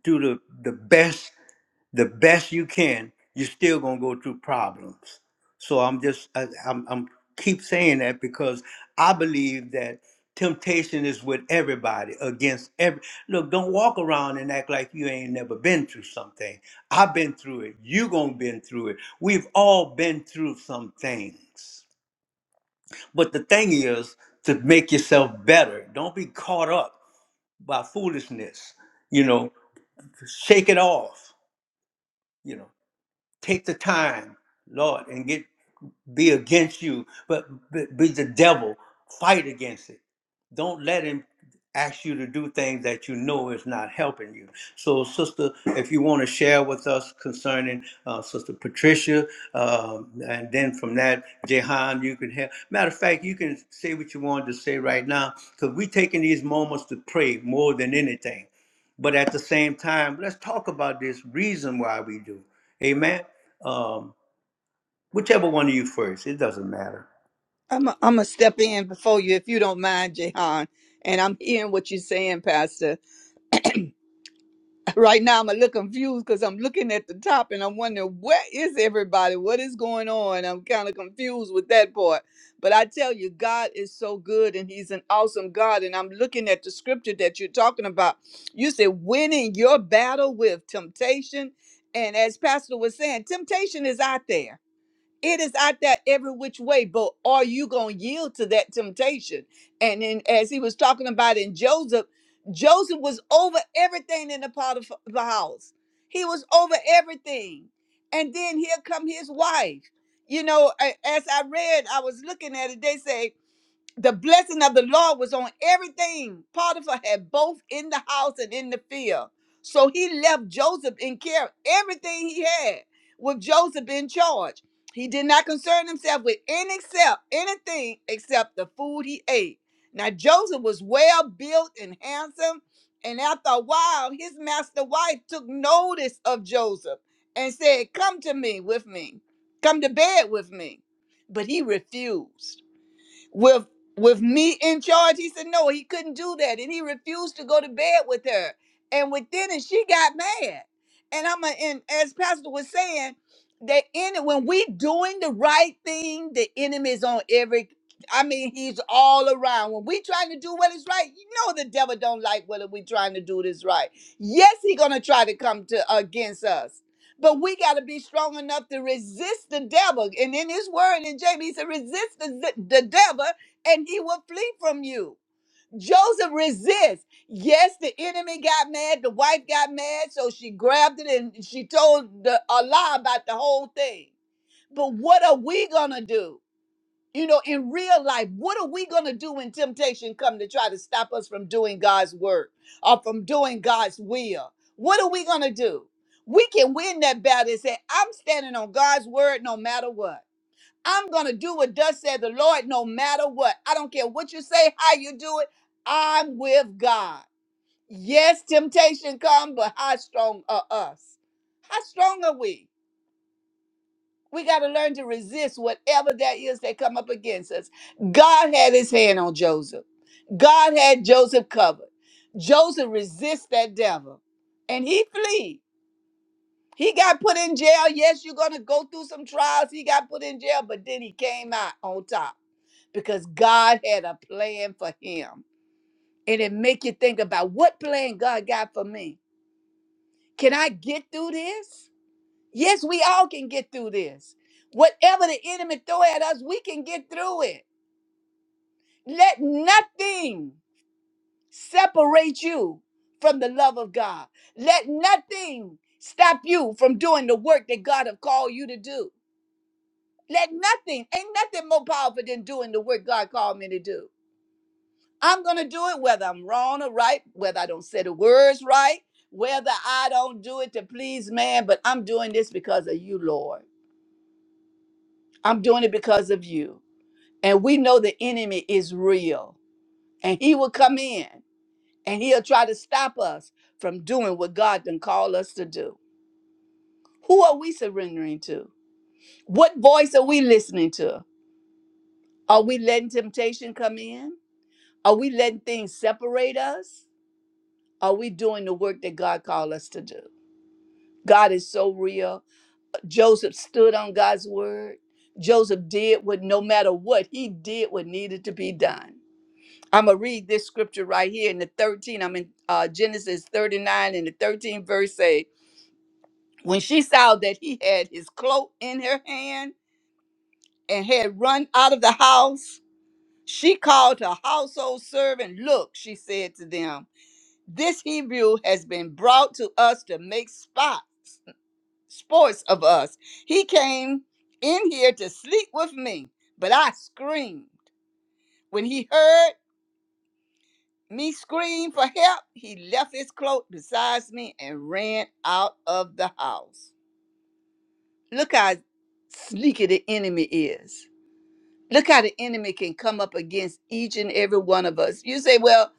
A: through the the best the best you can, you're still gonna go through problems. So I'm just I, I'm I'm keep saying that because I believe that temptation is with everybody against every look don't walk around and act like you ain't never been through something i've been through it you gonna been through it we've all been through some things but the thing is to make yourself better don't be caught up by foolishness you know shake it off you know Take the time, Lord, and get be against you, but be, be the devil. Fight against it. Don't let him ask you to do things that you know is not helping you. So, sister, if you want to share with us concerning uh, Sister Patricia, um, and then from that, Jehan, you can have. Matter of fact, you can say what you wanted to say right now, because we're taking these moments to pray more than anything. But at the same time, let's talk about this reason why we do. Amen. Um, whichever one of you first, it doesn't matter.
C: I'm i I'm gonna step in before you if you don't mind, Jehan. And I'm hearing what you're saying, Pastor. *laughs* Right now, I'm a little confused because I'm looking at the top and I'm wondering where is everybody? What is going on? I'm kind of confused with that part. But I tell you, God is so good and He's an awesome God. And I'm looking at the scripture that you're talking about. You said winning your battle with temptation. And as Pastor was saying, temptation is out there It is out there every which way, but are you going to yield to that temptation? And then, as he was talking about in Joseph, Joseph was over everything in the part of the house. He was over everything. And then here come his wife. You know, a- as I read, I was looking at it. They say the blessing of the Lord was on everything. Potiphar had both in the house and in the field. So he left Joseph in care everything he had with Joseph in charge. He did not concern himself with any except anything except the food he ate. Now Joseph was well built and handsome, and after a while, his master wife took notice of Joseph and said, Come to me with me. Come to bed with me. But he refused with with me in charge he said no he couldn't do that and he refused to go to bed with her and within it she got mad and i'm a, and as pastor was saying that in it when we doing the right thing the enemy is on every i mean he's all around when we trying to do what is right you know the devil don't like whether we trying to do this right yes he gonna try to come to against us but we got to be strong enough to resist the devil. And in his word in James, he said, resist the, the devil and he will flee from you. Joseph resists. Yes, the enemy got mad. The wife got mad. So she grabbed it and she told the, a lie about the whole thing. But what are we going to do? You know, in real life, what are we going to do when temptation come to try to stop us from doing God's work or from doing God's will? What are we going to do? We can win that battle and say, I'm standing on God's word no matter what. I'm going to do what does said the Lord no matter what. I don't care what you say, how you do it. I'm with God. Yes, temptation come, but how strong are us? How strong are we? We got to learn to resist whatever that is that come up against us. God had his hand on Joseph. God had Joseph covered. Joseph resists that devil and he flee. He got put in jail. Yes, you're going to go through some trials. He got put in jail, but then he came out on top because God had a plan for him. And it make you think about what plan God got for me. Can I get through this? Yes, we all can get through this. Whatever the enemy throw at us, we can get through it. Let nothing separate you from the love of God. Let nothing stop you from doing the work that God have called you to do. Let nothing, ain't nothing more powerful than doing the work God called me to do. I'm going to do it whether I'm wrong or right, whether I don't say the words right, whether I don't do it to please man, but I'm doing this because of you, Lord. I'm doing it because of you. And we know the enemy is real. And he will come in and he'll try to stop us from doing what God done called us to do. Who are we surrendering to? What voice are we listening to? Are we letting temptation come in? Are we letting things separate us? Are we doing the work that God called us to do? God is so real. Joseph stood on God's word. Joseph did what no matter what, he did what needed to be done. I'm gonna read this scripture right here in the 13. I'm in uh, Genesis 39 and the 13th verse say, when she saw that he had his cloak in her hand and had run out of the house, she called her household servant. Look, she said to them, this Hebrew has been brought to us to make spots, sports of us. He came in here to sleep with me, but I screamed. When he heard me scream for help, he left his cloak beside me and ran out of the house. Look how sneaky the enemy is. Look how the enemy can come up against each and every one of us. You say, well,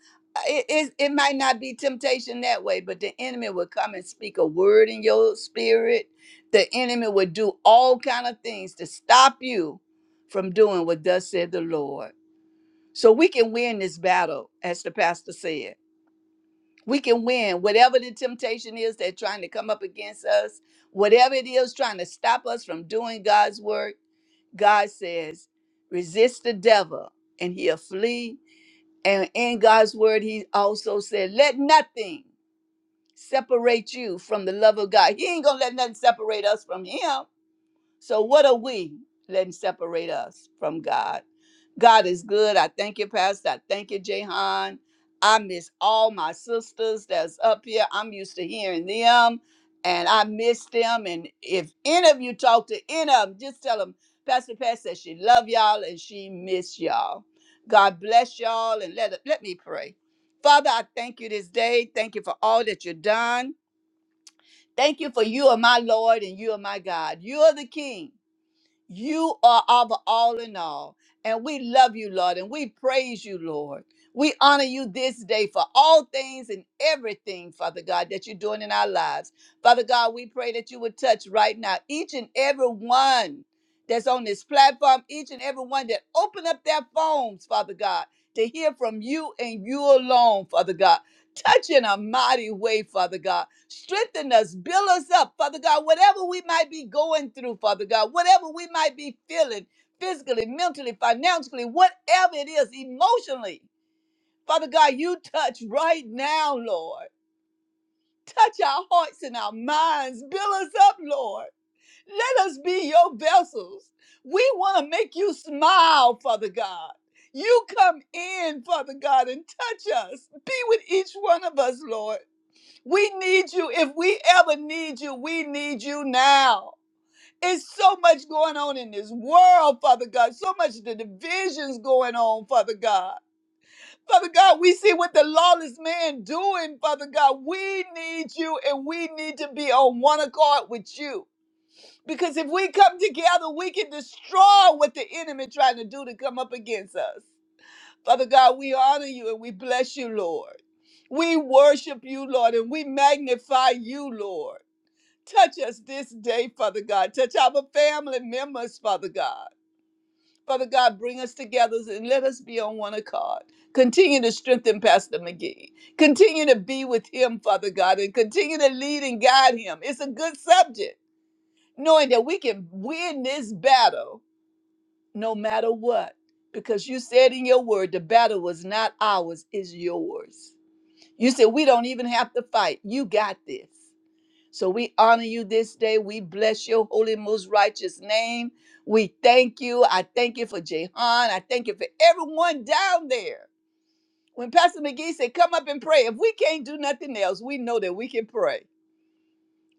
C: it, it, it might not be temptation that way, but the enemy will come and speak a word in your spirit. The enemy will do all kind of things to stop you from doing what thus said the Lord. So we can win this battle, as the pastor said We can win. Whatever the temptation is that's trying to come up against us, whatever it is trying to stop us from doing God's work, God says, resist the devil and he'll flee. And in God's word, he also said, let nothing separate you from the love of God. He ain't going to let nothing separate us from him. So, what are we letting separate us from God? God is good. I thank you, Pastor. I thank you, Jahan. I miss all my sisters that's up here. I'm used to hearing them and I miss them. And if any of you talk to any of them, just tell them Pastor Pat says she love y'all and she miss y'all. God bless y'all and let, let me pray. Father, I thank you this day. Thank you for all that you've done. Thank you for you are my Lord and you are my God. You are the King. You are our all in all. And we love you, Lord, and we praise you, Lord. We honor you this day for all things and everything, Father God, that you're doing in our lives. Father God, we pray that you would touch right now each and every one that's on this platform, each and every one that open up their phones, Father God, to hear from you and you alone, Father God. Touch in a mighty way, Father God. Strengthen us, build us up, Father God. Whatever we might be going through, Father God, whatever we might be feeling physically, mentally, financially, whatever it is, emotionally, Father God, you touch right now, Lord. Touch our hearts and our minds. Build us up, Lord. Let us be your vessels. We want to make you smile, Father God. You come in, Father God, and touch us. Be with each one of us, Lord. We need you. If we ever need you, we need you now. It's so much going on in this world, Father God. So much the divisions going on, Father God. Father God, we see what the lawless man doing, Father God. We need you and we need to be on one accord with you. Because if we come together, we can destroy what the enemy trying to do to come up against us. Father God, we honor you and we bless you, Lord. We worship you, Lord, and we magnify you, Lord. Touch us this day, Father God. Touch our family members, Father God. Father God, bring us together and let us be on one accord. Continue to strengthen Pastor McGee. Continue to be with him, Father God, and continue to lead and guide him. It's a good subject, knowing that we can win this battle no matter what. Because you said in your word, the battle was not ours, it's yours. You said we don't even have to fight. You got this. So we honor you this day. We bless your holy, most righteous name. We thank you. I thank you for Jehan. I thank you for everyone down there. When Pastor McGee said, Come up and pray, if we can't do nothing else, we know that we can pray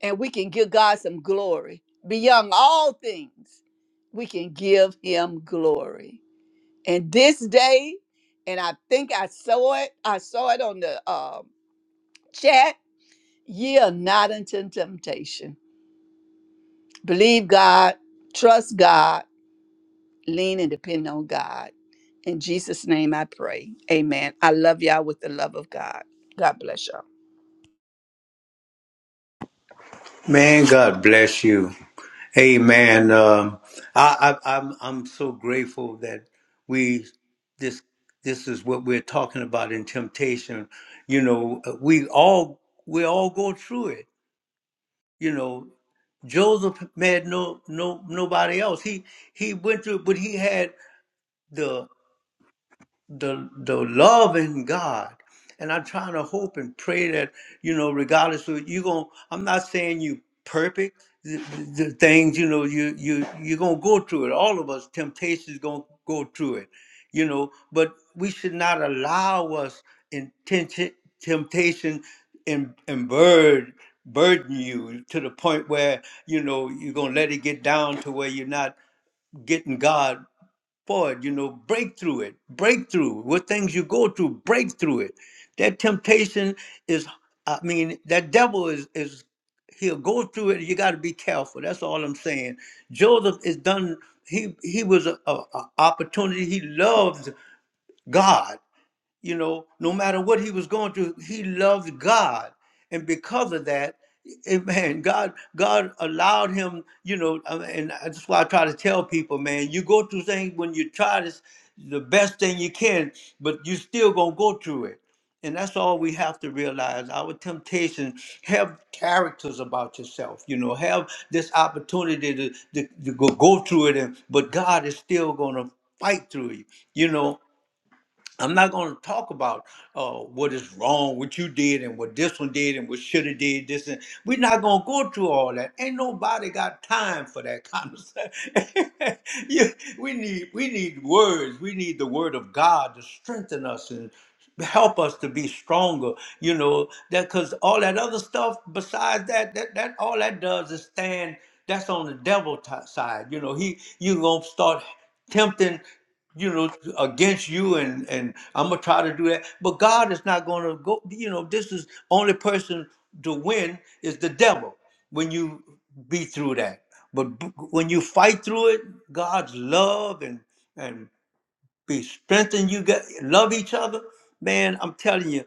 C: and we can give God some glory. Beyond all things, we can give him glory. And this day, and I think I saw it, I saw it on the um chat, yield not unto temptation Believe God, trust God, lean and depend on God. In Jesus' name I pray. Amen. I love y'all with the love of God. God bless y'all.
A: Man, God bless you. Amen. Um, I, I, I'm I'm so grateful that we this this is what we're talking about in temptation. You know, uh, we all we all go through it. You know, Joseph had no no nobody else. He he went through, but he had. the the the love in God. And I'm trying to hope and pray that, you know, regardless of you going I'm not saying you perfect the, the the things, you know, you you you're gonna go through it. All of us, temptations gonna go through it, you know, but we should not allow us intention temptation and and burden burden you to the point where you know you're gonna let it get down to where you're not getting God forward, you know, break through it, break through what things you go through, break through it. That temptation is, I mean, that devil is is he'll go through it. You got to be careful. That's all I'm saying. Joseph is done. He he was a, a, a opportunity. He loved God you know, no matter what he was going through, he loved God. And because of that, *laughs* it, man, God, God allowed him, you know, I mean, and that's why I try to tell people, man, you go through things when you try this the best thing you can, but you still gonna go through it. And that's all we have to realize. Our temptation, have characters about yourself, you know, have this opportunity to, to, to go, go through it, and, but God is still gonna fight through you, you know I'm not going to talk about uh, what is wrong, what you did, and what this one did, and what should have did this. And we're not going to go through all that. Ain't nobody got time for that *laughs* kind of stuff. *laughs* you, we need we need words. We need the word of God to strengthen us and help us to be stronger. You know that because all that other stuff besides that, that that all that does is stand. That's on the devil t- side. You know he you gonna start tempting you know, against you, and and I'm gonna try to do that. But God is not gonna go. You know, this is only person to win is the devil when you be through that. But b- when you fight through it, God's love and and be strengthened. You get love each other, man. I'm telling you.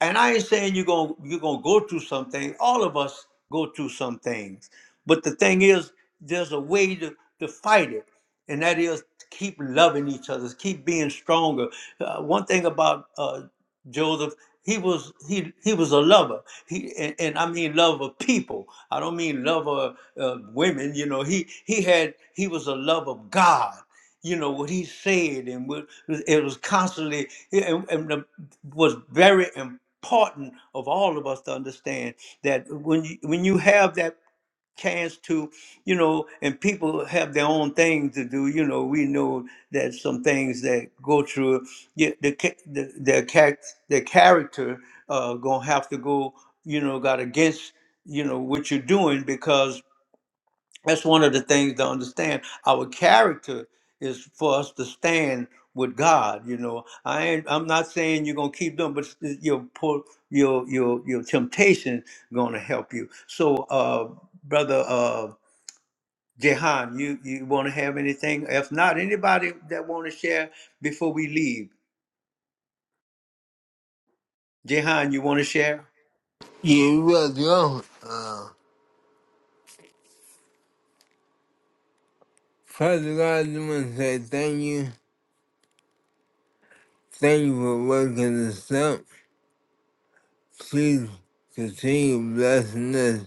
A: And I ain't saying you're gonna you're gonna go through some things. All of us go through some things. But the thing is, there's a way to to fight it, and that is to keep loving each other, keep being stronger. Uh, one thing about uh, Joseph. He was he he was a lover. He and, and I mean love of people. I don't mean love of uh, women. You know he he had he was a love of God you know what he said and what it was constantly yeah, and, and the, was very important of all of us to understand that when you when you have that chance to you know and people have their own thing to do you know we know that some things that go through yeah, the, ca- the their charac- their character uh gonna have to go you know got against you know what you're doing that's one of the things to understand. Our character is for us to stand with God. You know, I ain't, I'm not saying you're gonna keep them, but your pull, your your your temptation gonna help you. So, uh, brother uh, Jehan, you you want to have anything? If not, anybody that want to share before we leave, Jehan, you want to share?
B: Yeah, you are drunk. Father God, I want to say thank you. Thank you for waking us up. Please continue blessing us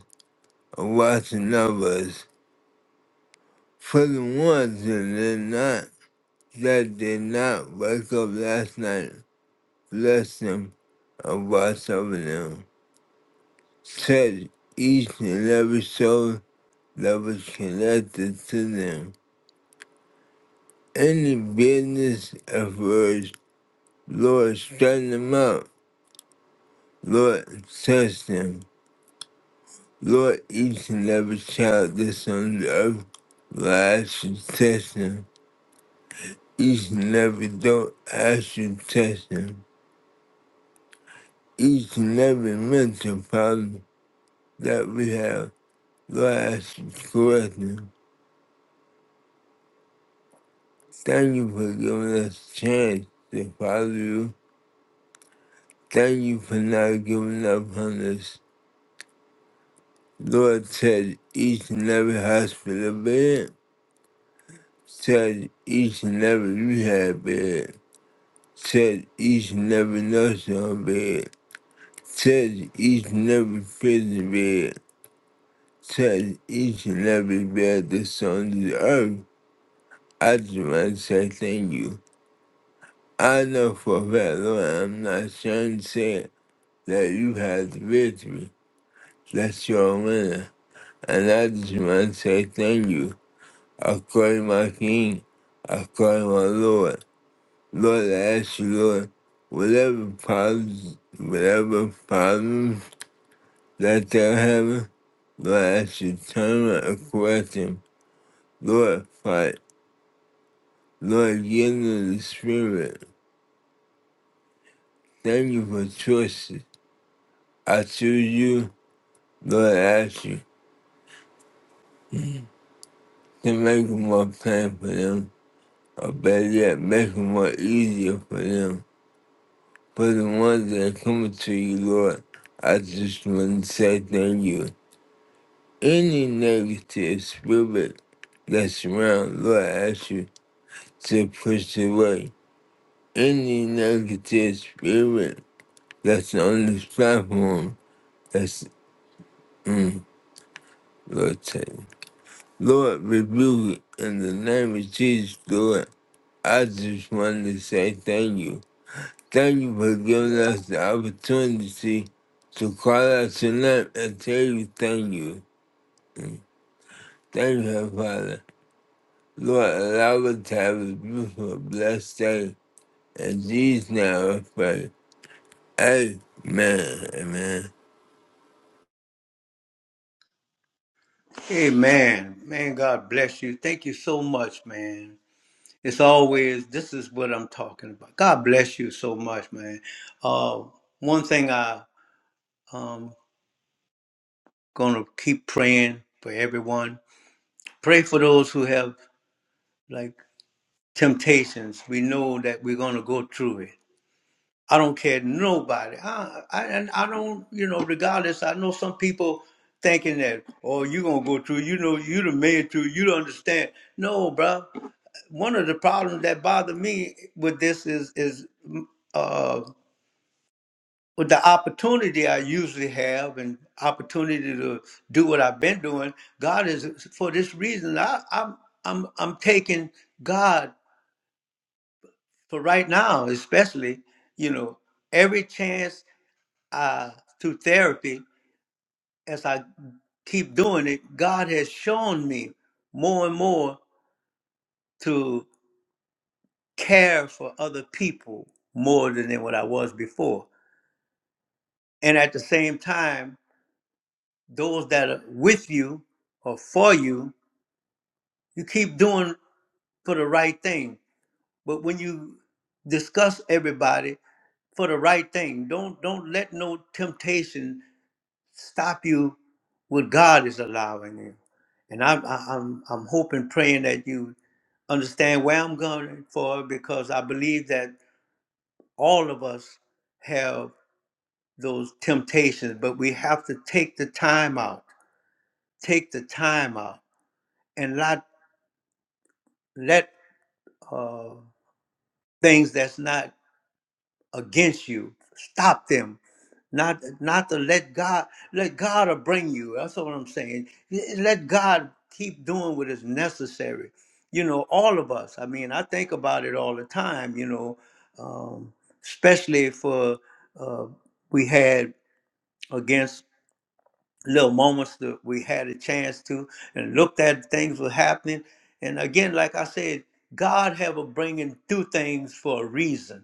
B: and watching over us. For the ones that did not, that did not wake up last night, bless them and watch over them. Touch each and every soul that was connected to them. Any business efforts, Lord, straighten them up. Lord, touch them. Lord, each and every child that's on the earth, Lord, I ask you to test them. Each and every door, I ask you to test them. Each and every mental problem that we have, Lord, I ask you to correct them. Thank you for giving us a chance to follow you. Thank you for not giving up on us. Lord, touch each and every hospital bed, touch each and every rehab bed. Touch each and every notion of it. Touch each and every piece of it. Touch each and every bed that's on the earth. I just want to say thank you. I know for a fact, Lord, I'm not trying to say it, that you had the victory. That's your winner. And I just want to say thank you. I call you my king. I call you my Lord. Lord, I ask you, Lord, whatever problems, whatever problems that thou heaven, Lord, as you turn around and correct them, Lord, fight. Lord, give them the spirit. Thank you for choices. I choose you, Lord, I ask you to make it more plain for them, or better yet, make it more easier for them. For the ones that are coming to you, Lord, I just want to say thank you. Any negative spirit that surround, Lord, I ask you to push it away. any negative spirit that's on this platform that's mm, Lord take. it. Lord rebuke it in the name of Jesus, Lord. I just want to say thank you. Thank you for giving us the opportunity to call out your name and tell you thank you. Thank you, Heavenly Father. Lord, allow us to have a beautiful, blessed day. In Jesus' name I pray. Amen. Amen.
A: Hey man, man, God bless you. Thank you so much, man. It's always this is what I'm talking about. God bless you so much, man. Uh, one thing I um gonna keep praying for everyone. Pray for those who have like temptations. We know that we're gonna go through it. I don't care nobody. I, I and I don't you know regardless. I know some people thinking that oh you gonna go through. You know you the man through. You don't understand. No, bruh one of the problems that bother me with this is is uh with the opportunity I usually have and opportunity to do what I've been doing, God is for this reason. I, I'm I'm I'm taking God for right now, especially you know every chance uh, through therapy as I keep doing it. God has shown me more and more to care for other people more than what I was before, and at the same time, those that are with you or for you you keep doing for the right thing but when you discuss everybody for the right thing don't don't let no temptation stop you what god is allowing you and i'm I- i'm i'm hoping praying that you understand where i'm going for because i believe that all of us have those temptations but we have to take the time out take the time out and not let uh things that's not against you. Stop them. Not not to let God let God bring you. That's what I'm saying. Let God keep doing what is necessary. You know, all of us. I mean, I think about it all the time. You know, um, especially for uh, we had against little moments that we had a chance to and looked at things were happening. And again, like I said, God have a bringing through things for a reason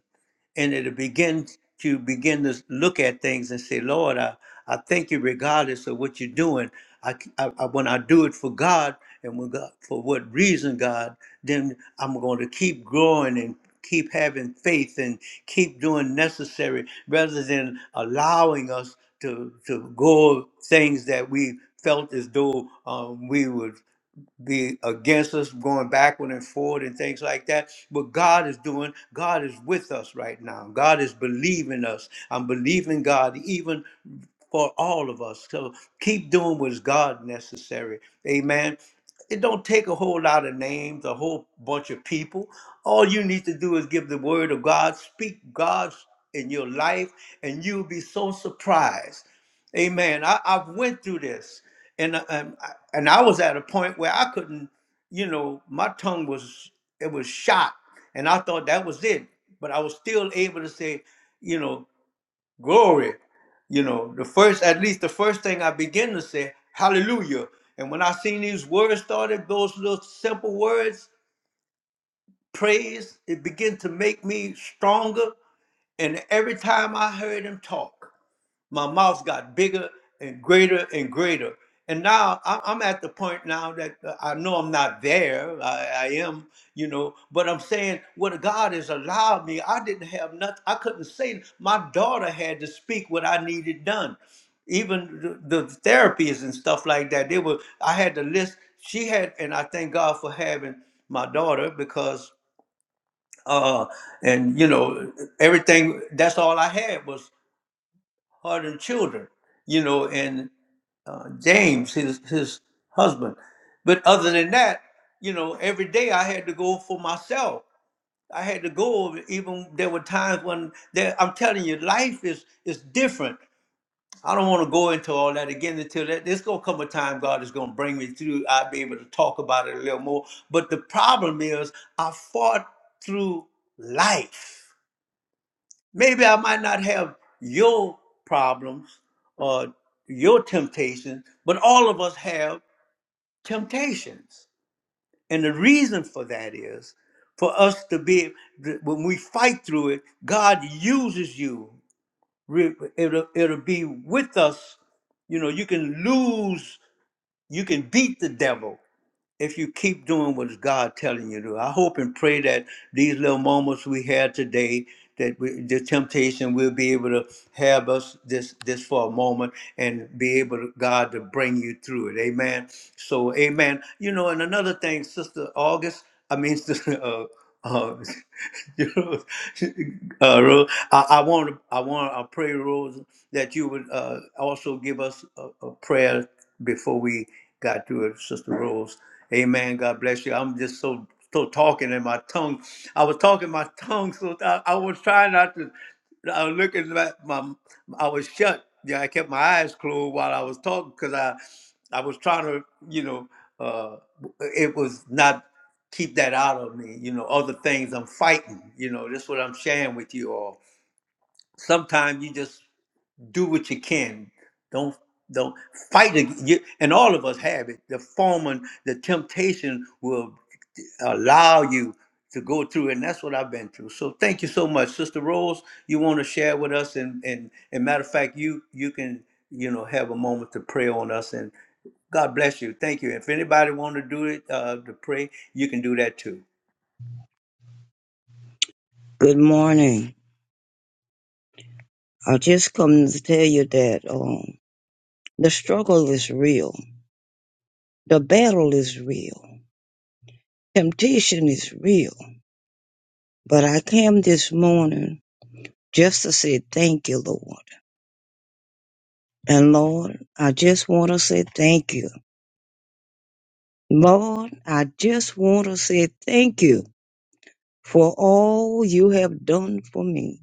A: and it'll begin to begin to look at things and say, Lord, I, I thank you regardless of what you're doing. I, I, I- when I do it for God and when God, for what reason, God, then I'm going to keep growing and keep having faith and keep doing necessary rather than allowing us to, to go things that we felt as though um, we would be against us going backward and forward and things like that. But God is doing, God is with us right now. God is believing us. I'm believing God even for all of us. So keep doing what's God necessary. Amen. It don't take a whole lot of names, a whole bunch of people. All you need to do is give the word of God, speak God's in your life, and you'll be so surprised. Amen. I, I've went through this and uh, and I, and I was at a point where I couldn't, you know, my tongue was it was shot, and I thought that was it. But I was still able to say, you know, glory. You know, the first at least the first thing I began to say, hallelujah. And when I seen these words started, those little simple words, praise, it began to make me stronger. And every time I heard him talk my mouth got bigger and greater and greater. And now I- I'm at the point now that uh, I know I'm not there. I, I am, you know, but I'm saying what God has allowed me. I didn't have nothing. I couldn't say. My daughter had to speak what I needed done. Even the, the therapies and stuff like that. They were. I had to list. She had, and I thank God for having my daughter because, uh, and you know, everything. That's all I had was hardened children, you know, and uh, James, his his husband. But other than that, you know, every day I had to go for myself. I had to go. Even there were times when there, I'm telling you, life is is different. I don't want to go into all that again until that there's gonna come a time God is gonna bring me through. I'll be able to talk about it a little more. But the problem is I fought through life Maybe I might not have your problems or your temptations, but all of us have temptations. And the reason for that is for us to be, th- when we fight through it, God uses you. Re- It'll, it'll be with us. You know, you can lose, you can beat the devil, if you keep doing what God telling you to do. I hope and pray that these little moments we had today, that we, the temptation will be able to have us this this for a moment and be able to God to bring you through it. Amen. So amen. You know, and another thing, Sister August, I mean *laughs* Sister uh, uh, *laughs* you know, uh, Ro- I, I want to I want to pray, Rose, that you would uh, also give us a, a prayer before we got to it, Sister Rose. Amen. God bless you. I'm just so so talking in my tongue. I was talking my tongue, so I, I was trying not to. I was looking at my. I was shut. Yeah, I kept my eyes closed while I was talking because I, I was trying to, you know, uh, it was not keep that out of me. You know, other things I'm fighting. You know, this is what I'm sharing with you all. Sometimes you just do what you can. Don't don't fight ag- you And all of us have it. The foreman, the temptation will allow you to go through, and that's what I've been through. So thank you so much, Sister Rose. You want to share with us, and and and matter of fact, you you can you know have a moment to pray on us, and God bless you. Thank you. If anybody want to do it uh, to pray, you can do that too.
D: Good morning. I just come to tell you that um, the struggle is real. The battle is real. Temptation is real. But I came this morning just to say thank you, Lord. And Lord, I just want to say thank you. Lord, I just want to say thank you for all you have done for me.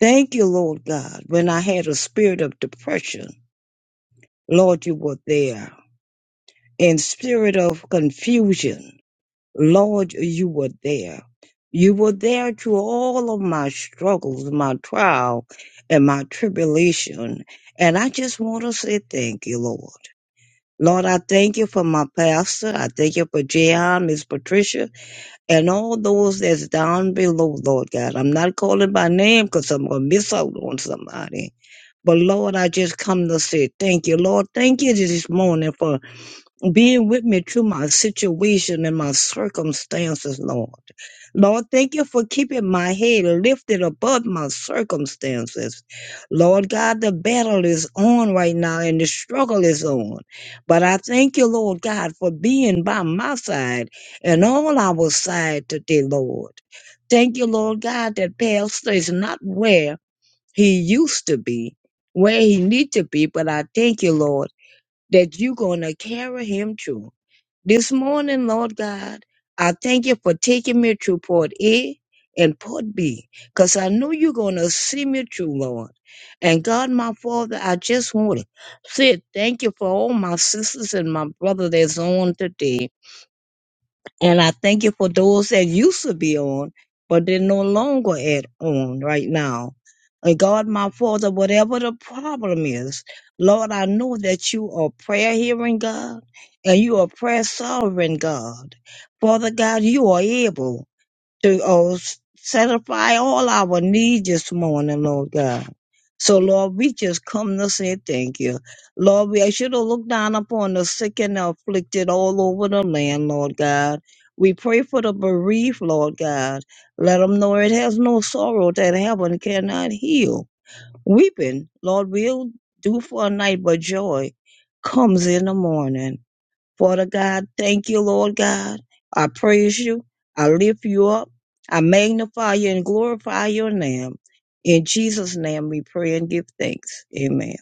D: Thank you, Lord God. When I had a spirit of depression, Lord, you were there. In spirit of confusion, Lord, you were there. You were there through all of my struggles, my trial, and my tribulation. And I just want to say thank you, Lord. Lord, I thank you for my pastor. I thank you for Jehan, Miss Patricia, and all those that's down below, Lord God. I'm not calling by name because I'm going to miss out on somebody. But Lord, I just come to say thank you, Lord. Thank you this morning for being with me through my situation and my circumstances, Lord. Lord, thank you for keeping my head lifted above my circumstances. Lord God, the battle is on right now and the struggle is on. But I thank you, Lord God, for being by my side and on our side today, Lord. Thank you, Lord God, that Pastor is not where he used to be, where he need to be, but I thank you, Lord, that you're going to carry him through. This morning, Lord God, I thank you for taking me through Port A and Port B, because I know you're going to see me through, Lord. And God, my Father, I just want to say thank you for all my sisters and my brother that's on today. And I thank you for those that used to be on, but they're no longer at on right now. And God, my Father, whatever the problem is, Lord, I know that you are prayer hearing God and you are prayer sovereign God. Father God, you are able to oh, satisfy all our needs this morning, Lord God. So, Lord, we just come to say thank you. Lord, we should have looked down upon the sick and the afflicted all over the land, Lord God. We pray for the bereaved, Lord God. Let them know it has no sorrow that heaven cannot heal. Weeping, Lord, we'll do for a night, but joy comes in the morning. Father God, thank you, Lord God. I praise you. I lift you up. I magnify you and glorify your name. In Jesus' name we pray and give thanks. Amen.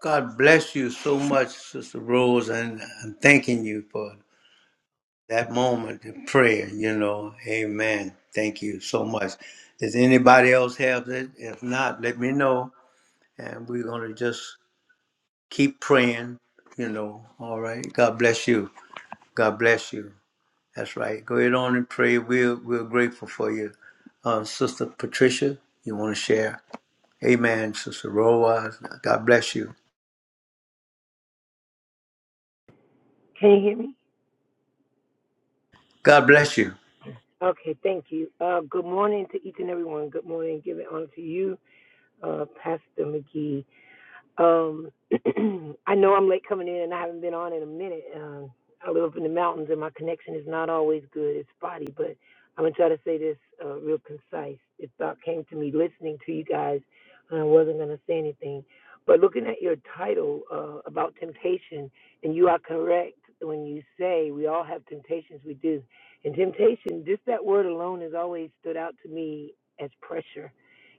A: God bless you so much, Sister Rose, and I'm thanking you for that moment of prayer, you know. Amen. Thank you so much. Does anybody else have it? If not, let me know. And we're going to just keep praying, you know. All right. God bless you. God bless you. That's right. Go ahead on and pray. We're, we're grateful for you. Uh, Sister Patricia, you want to share? Amen. Sister Roa, God bless you.
E: Can you hear me?
A: God bless you.
E: Okay, thank you. Uh, good morning to each and everyone. Good morning. Give it on to you, uh, Pastor McGee. Um, *clears throat* I know I'm late coming in, and I haven't been on in a minute. Um, I live up in the mountains, and my connection is not always good. It's spotty, but I'm gonna try to say this uh, real concise. This thought came to me listening to you guys, and I wasn't gonna say anything. But looking at your title uh, about temptation, and you are correct when you say we all have temptations. We do, and temptation. Just that word alone has always stood out to me as pressure.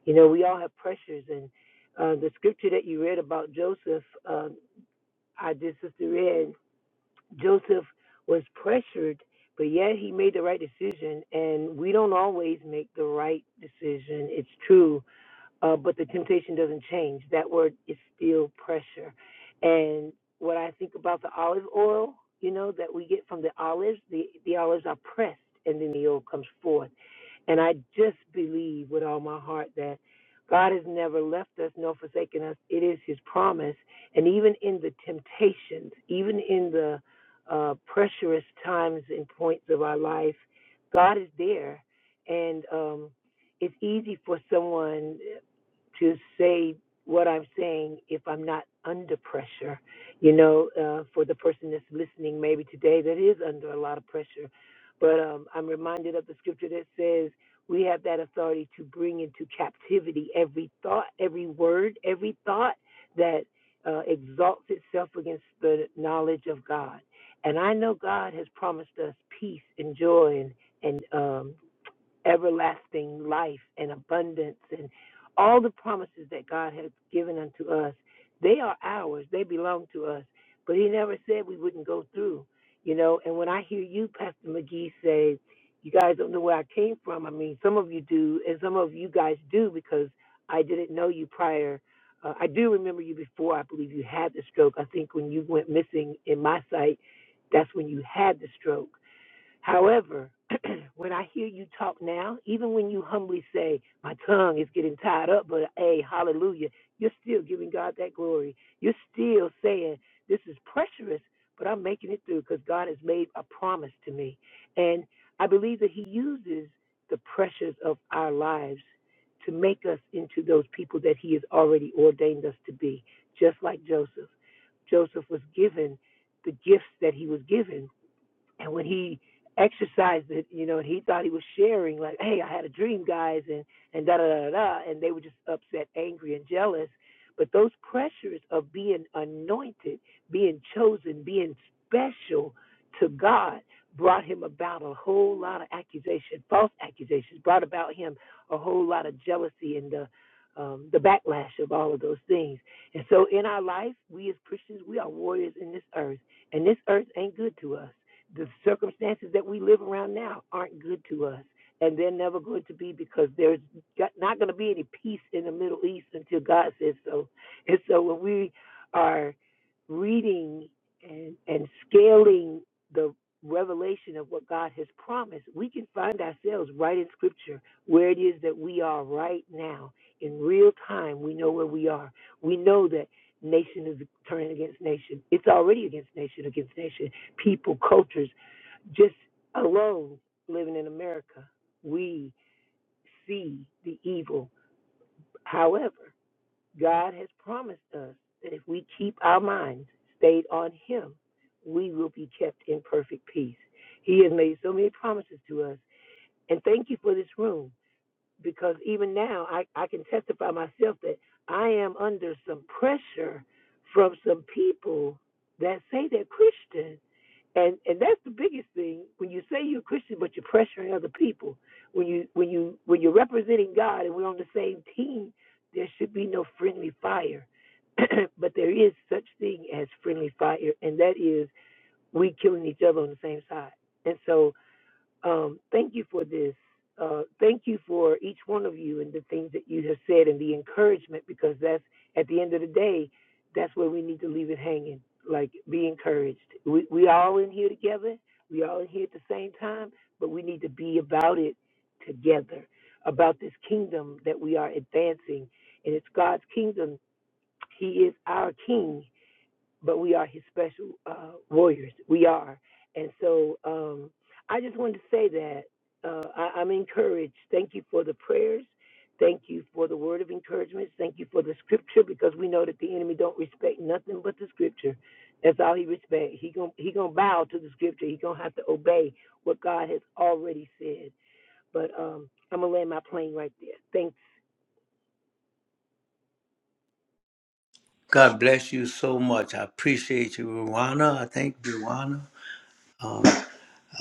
E: You know, we all have pressures, and uh, the scripture that you read about Joseph, uh, I just just read, Joseph was pressured, but yet he made the right decision. And we don't always make the right decision. It's true uh, but the temptation doesn't change. That word is still pressure. And what I think about the olive oil, you know, that we get from the olives, the, the olives are pressed and then the oil comes forth. And I just believe with all my heart that God has never left us nor forsaken us. It is His promise. And even in the temptations, even in the uh, pressurous times and points of our life, God is there. And, um, it's easy for someone to say what I'm saying if I'm not under pressure. You know, uh, for the person that's listening maybe today that is under a lot of pressure. But um, I'm reminded of the scripture that says we have that authority to bring into captivity every thought, every word, every thought that uh, exalts itself against the knowledge of God. And I know God has promised us peace and joy and, and um, everlasting life and abundance and all the promises that God has given unto us. They are ours, they belong to us. But He never said we wouldn't go through, you know. And when I hear you, Pastor McGee, say, you guys don't know where I came from, I mean, some of you do, and some of you guys do because I didn't know you prior. Uh, I do remember you before I believe you had the stroke. I think when you went missing in my sight, that's when you had the stroke However, *clears throat* when I hear you talk now, even when you humbly say, My tongue is getting tied up, but hey, hallelujah, you're still giving God that glory. You're still saying, This is pressurous, but I'm making it through because God has made a promise to me. And I believe that He uses the pressures of our lives to make us into those people that He has already ordained us to be, just like Joseph. Joseph was given the gifts that he was given and when he exercised it, you know, and he thought he was sharing, like, "Hey, I had a dream, guys," and and da da da da, and they were just upset, angry, and jealous. But those pressures of being anointed, being chosen, being special to God brought him about a whole lot of accusation, false accusations, brought about him a whole lot of jealousy and the um, the backlash of all of those things. And so in our life, we as Christians, we are warriors in this earth, and this earth ain't good to us the circumstances that we live around now aren't good to us and they're never going to be because there's not going to be any peace in the middle east until god says so and so when we are reading and, and scaling the revelation of what god has promised we can find ourselves right in scripture where it is that we are right now in real time we know where we are we know that nation is turning against nation it's already against nation against nation people, cultures, just alone living in America, we see the evil. However, God has promised us that if we keep our minds stayed on Him, we will be kept in perfect peace. He has made so many promises to us. And thank you for this room because even now I, I can testify myself that I am under some pressure from some people that say they're Christian and and that's the biggest thing when you say you're a Christian but you're pressuring other people when you when you when you're representing God and we're on the same team there should be no friendly fire *clears throat* but there is such thing as friendly fire and that is we killing each other on the same side and so um, thank you for this. Uh, thank you for each one of you and the things that you have said and the encouragement because that's at the end of the day, that's where we need to leave it hanging. Like be encouraged. We we all in here together. We all in here at the same time, but we need to be about it together, about this kingdom that we are advancing, and it's God's kingdom. He is our King, but we are his special uh, warriors. We are. And so um, I just wanted to say that uh, I, I'm encouraged. Thank you for the prayers. Thank you for the word of encouragement. Thank you for the scripture because we know that the enemy don't respect nothing but the scripture. That's all he respect. He gonna he gonna bow to the scripture. He gonna have to obey what God has already said. But um, I'm gonna land my plane right there. Thank you.
A: God bless you so much. I appreciate you, Ruana. I think Ruana.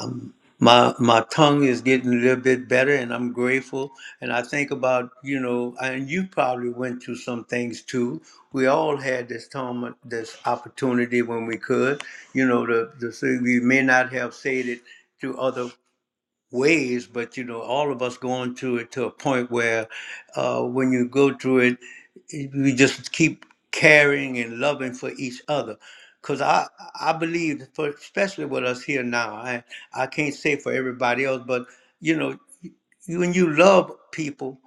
A: um, my my tongue is getting a little bit better and i'm grateful and i think about you know and you probably went through some things too we all had this time this opportunity when we could you know the, the thing we may not have said it to other ways, but you know, all of us going through it to a point where uh, when you go through it, we just keep caring and loving for each other. Because I, I believe, for, especially with us here now, I, I can't say for everybody else, but you know, you- when you love people,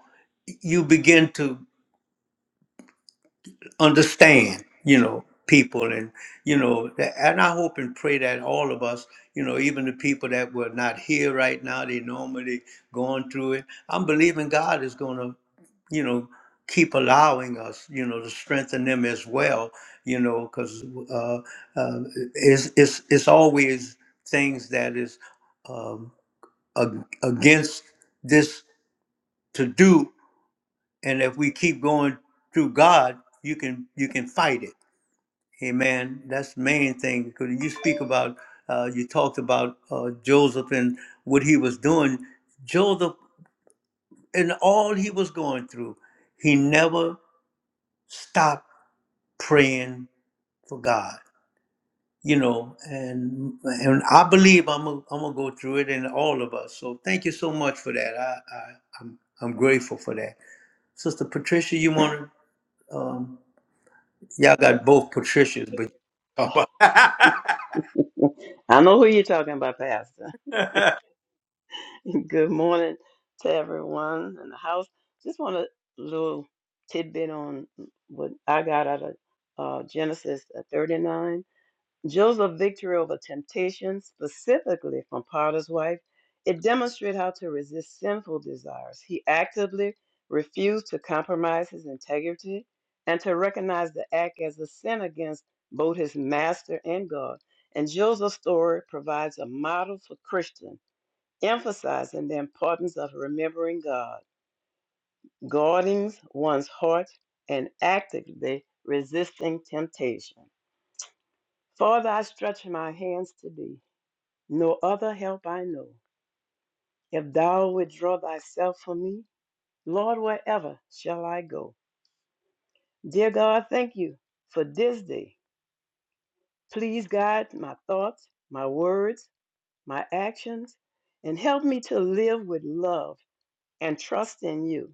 A: you begin to understand, you know, people and you know, that, and I hope and pray that all of us, you know, even the people that were not here right now, they normally going through it. I'm believing God is going to, you know, keep allowing us, you know, to strengthen them as well, you know, because uh, uh, it's it's it's always things that is um, ag- against this to do, and if we keep going through God, you can you can fight it Amen. That's the main thing because you speak about, uh, you talked about uh, Joseph and what he was doing. Joseph and all he was going through, he never stopped praying for God. You know, and and I believe I'm a, I'm gonna go through it, and all of us. So thank you so much for that. I, I I'm I'm grateful for that, Sister Patricia. You want to? Um, y'all got both Patricias, but *laughs*
F: I know who you're talking about, Pastor. *laughs* Good morning to everyone in the house. Just want a little tidbit on what I got out of uh, Genesis 39. Joseph's victory over temptation, specifically from Potiphar's wife, it demonstrated how to resist sinful desires. He actively refused to compromise his integrity and to recognize the act as a sin against both his master and God. And Joseph's story provides a model for Christians, emphasizing the importance of remembering God, guarding one's heart, and actively resisting temptation. Father, I stretch my hands to thee no other help I know. If thou withdraw thyself from me, Lord, wherever shall I go? Dear God, thank you for this day. Please guide my thoughts, my words, my actions, and help me to live with love and trust in you.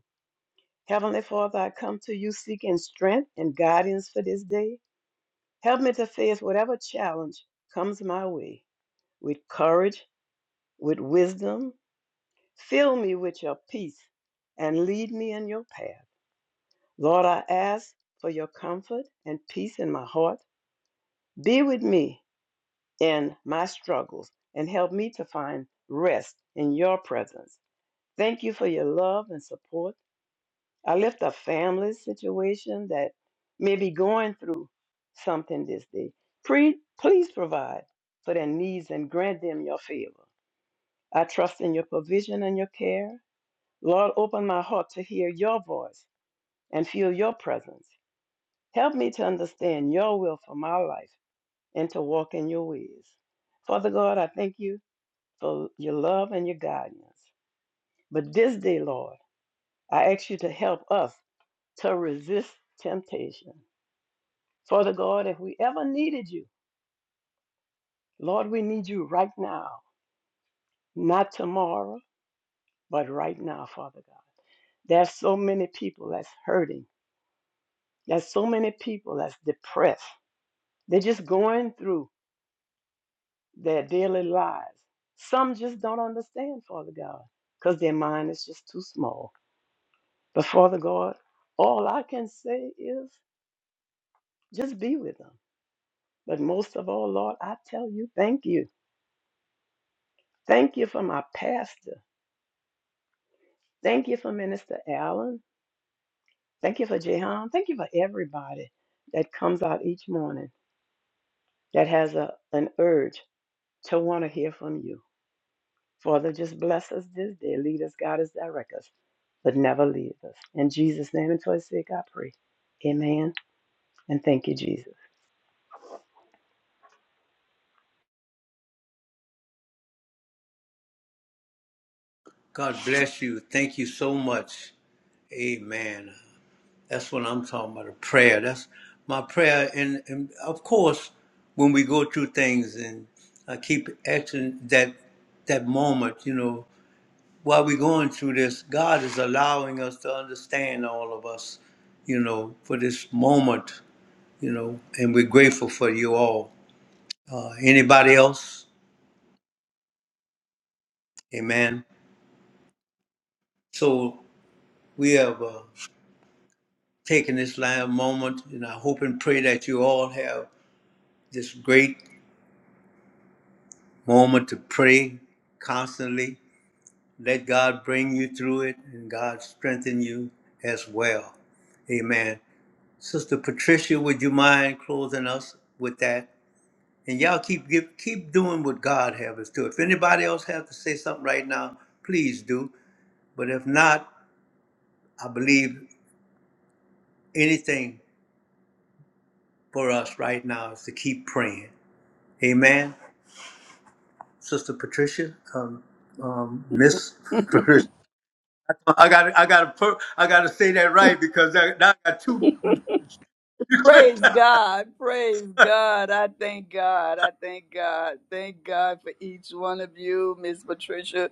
F: Heavenly Father, I come to you seeking strength and guidance for this day. Help me to face whatever challenge comes my way with courage, with wisdom, Fill me with your peace and lead me in your path. Lord, I ask for your comfort and peace in my heart. Be with me in my struggles and help me to find rest in your presence. Thank you for your love and support. I lift a family situation that may be going through something this day. Pre- please provide for their needs and grant them your favor. I trust in your provision and your care. Lord, open my heart to hear your voice and feel your presence. Help me to understand your will for my life and to walk in your ways. Father God, I thank you for your love and your guidance. But this day, Lord, I ask you to help us to resist temptation. Father God, if we ever needed you, Lord, we need you right now, not tomorrow, but right now, Father God. There's so many people that's hurting. There's so many people that's depressed. They're just going through their daily lives. Some just don't understand, Father God, because their mind is just too small. But Father God, all I can say is just be with them. But most of all, Lord, I tell you, thank you. Thank you for my pastor. Thank you for Minister Allen. Thank you for Jehan. Thank you for everybody that comes out each morning that has a, an urge to want to hear from you. Father, just bless us this day. Lead us, guide us, direct us, but never leave us. In Jesus' name and twice sake, I pray. Amen. And thank you, Jesus.
A: God bless you. Thank you so much. Amen. That's what I'm talking about, a prayer. That's my prayer. And, and of course, when we go through things and I keep asking that that moment, you know, while we're going through this, God is allowing us to understand all of us, you know, for this moment, you know, and we're grateful for you all. Uh, anybody else? Amen. So we have. uh, taking this live moment, and I hope and pray that you all have this great moment to pray constantly. Let God bring you through it and God strengthen you as well. Amen. Sister Patricia, would you mind closing us with that? And y'all keep give, keep doing what God has us to. If anybody else has to say something right now, please do. But if not, I believe anything for us right now is to keep praying. Amen. Sister Patricia, um, um, Miss Patricia. I got I got to per- I got to say that right because I, now I got two. *laughs*
C: Praise God. Praise God. I thank God. I thank God. Thank God for each one of you, Miss Patricia.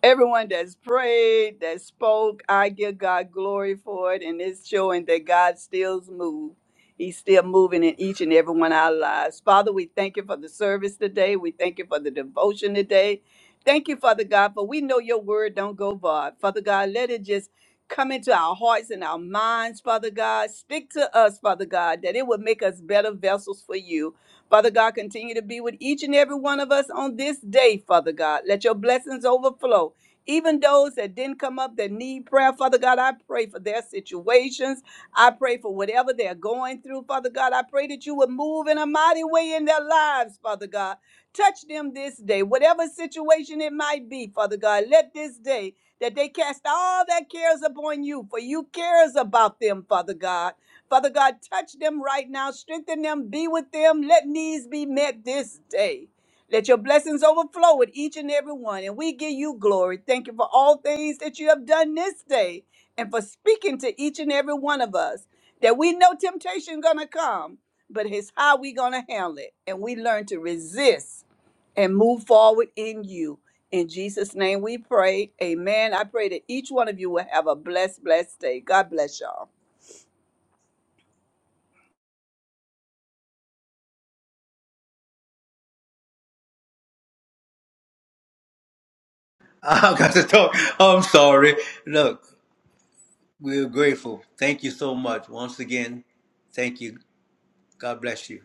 C: Everyone that's prayed, that spoke, I give God glory for it. And it's showing that God stills move. He's still moving in each and every one of our lives. Father, we thank you for the service today. We thank you for the devotion today. Thank you, Father God, for we know your word don't go void. Father God, let it just come into our hearts and our minds, Father God. Speak to us, Father God, that it would make us better vessels for you. Father God, continue to be with each and every one of us on this day, Father God. Let your blessings overflow. Even those that didn't come up that need prayer, Father God, I pray for their situations. I pray for whatever they're going through, Father God. I pray that you would move in a mighty way in their lives, Father God. Touch them this day, whatever situation it might be, Father God. Let this day that they cast all their cares upon you, for you cares about them, Father God. Father God, touch them right now, strengthen them, be with them, let needs be met this day. Let your blessings overflow with each and every one, and we give you glory. Thank you for all things that you have done this day and for speaking to each and every one of us that we know temptation gonna come, but it's how we gonna handle it, and we learn to resist and move forward in you. In Jesus' name we pray. Amen. I pray that each one of you will have a blessed, blessed day. God bless y'all.
A: I got to talk. I'm sorry. Look, we're grateful. Thank you so much once again. Thank you. God bless you.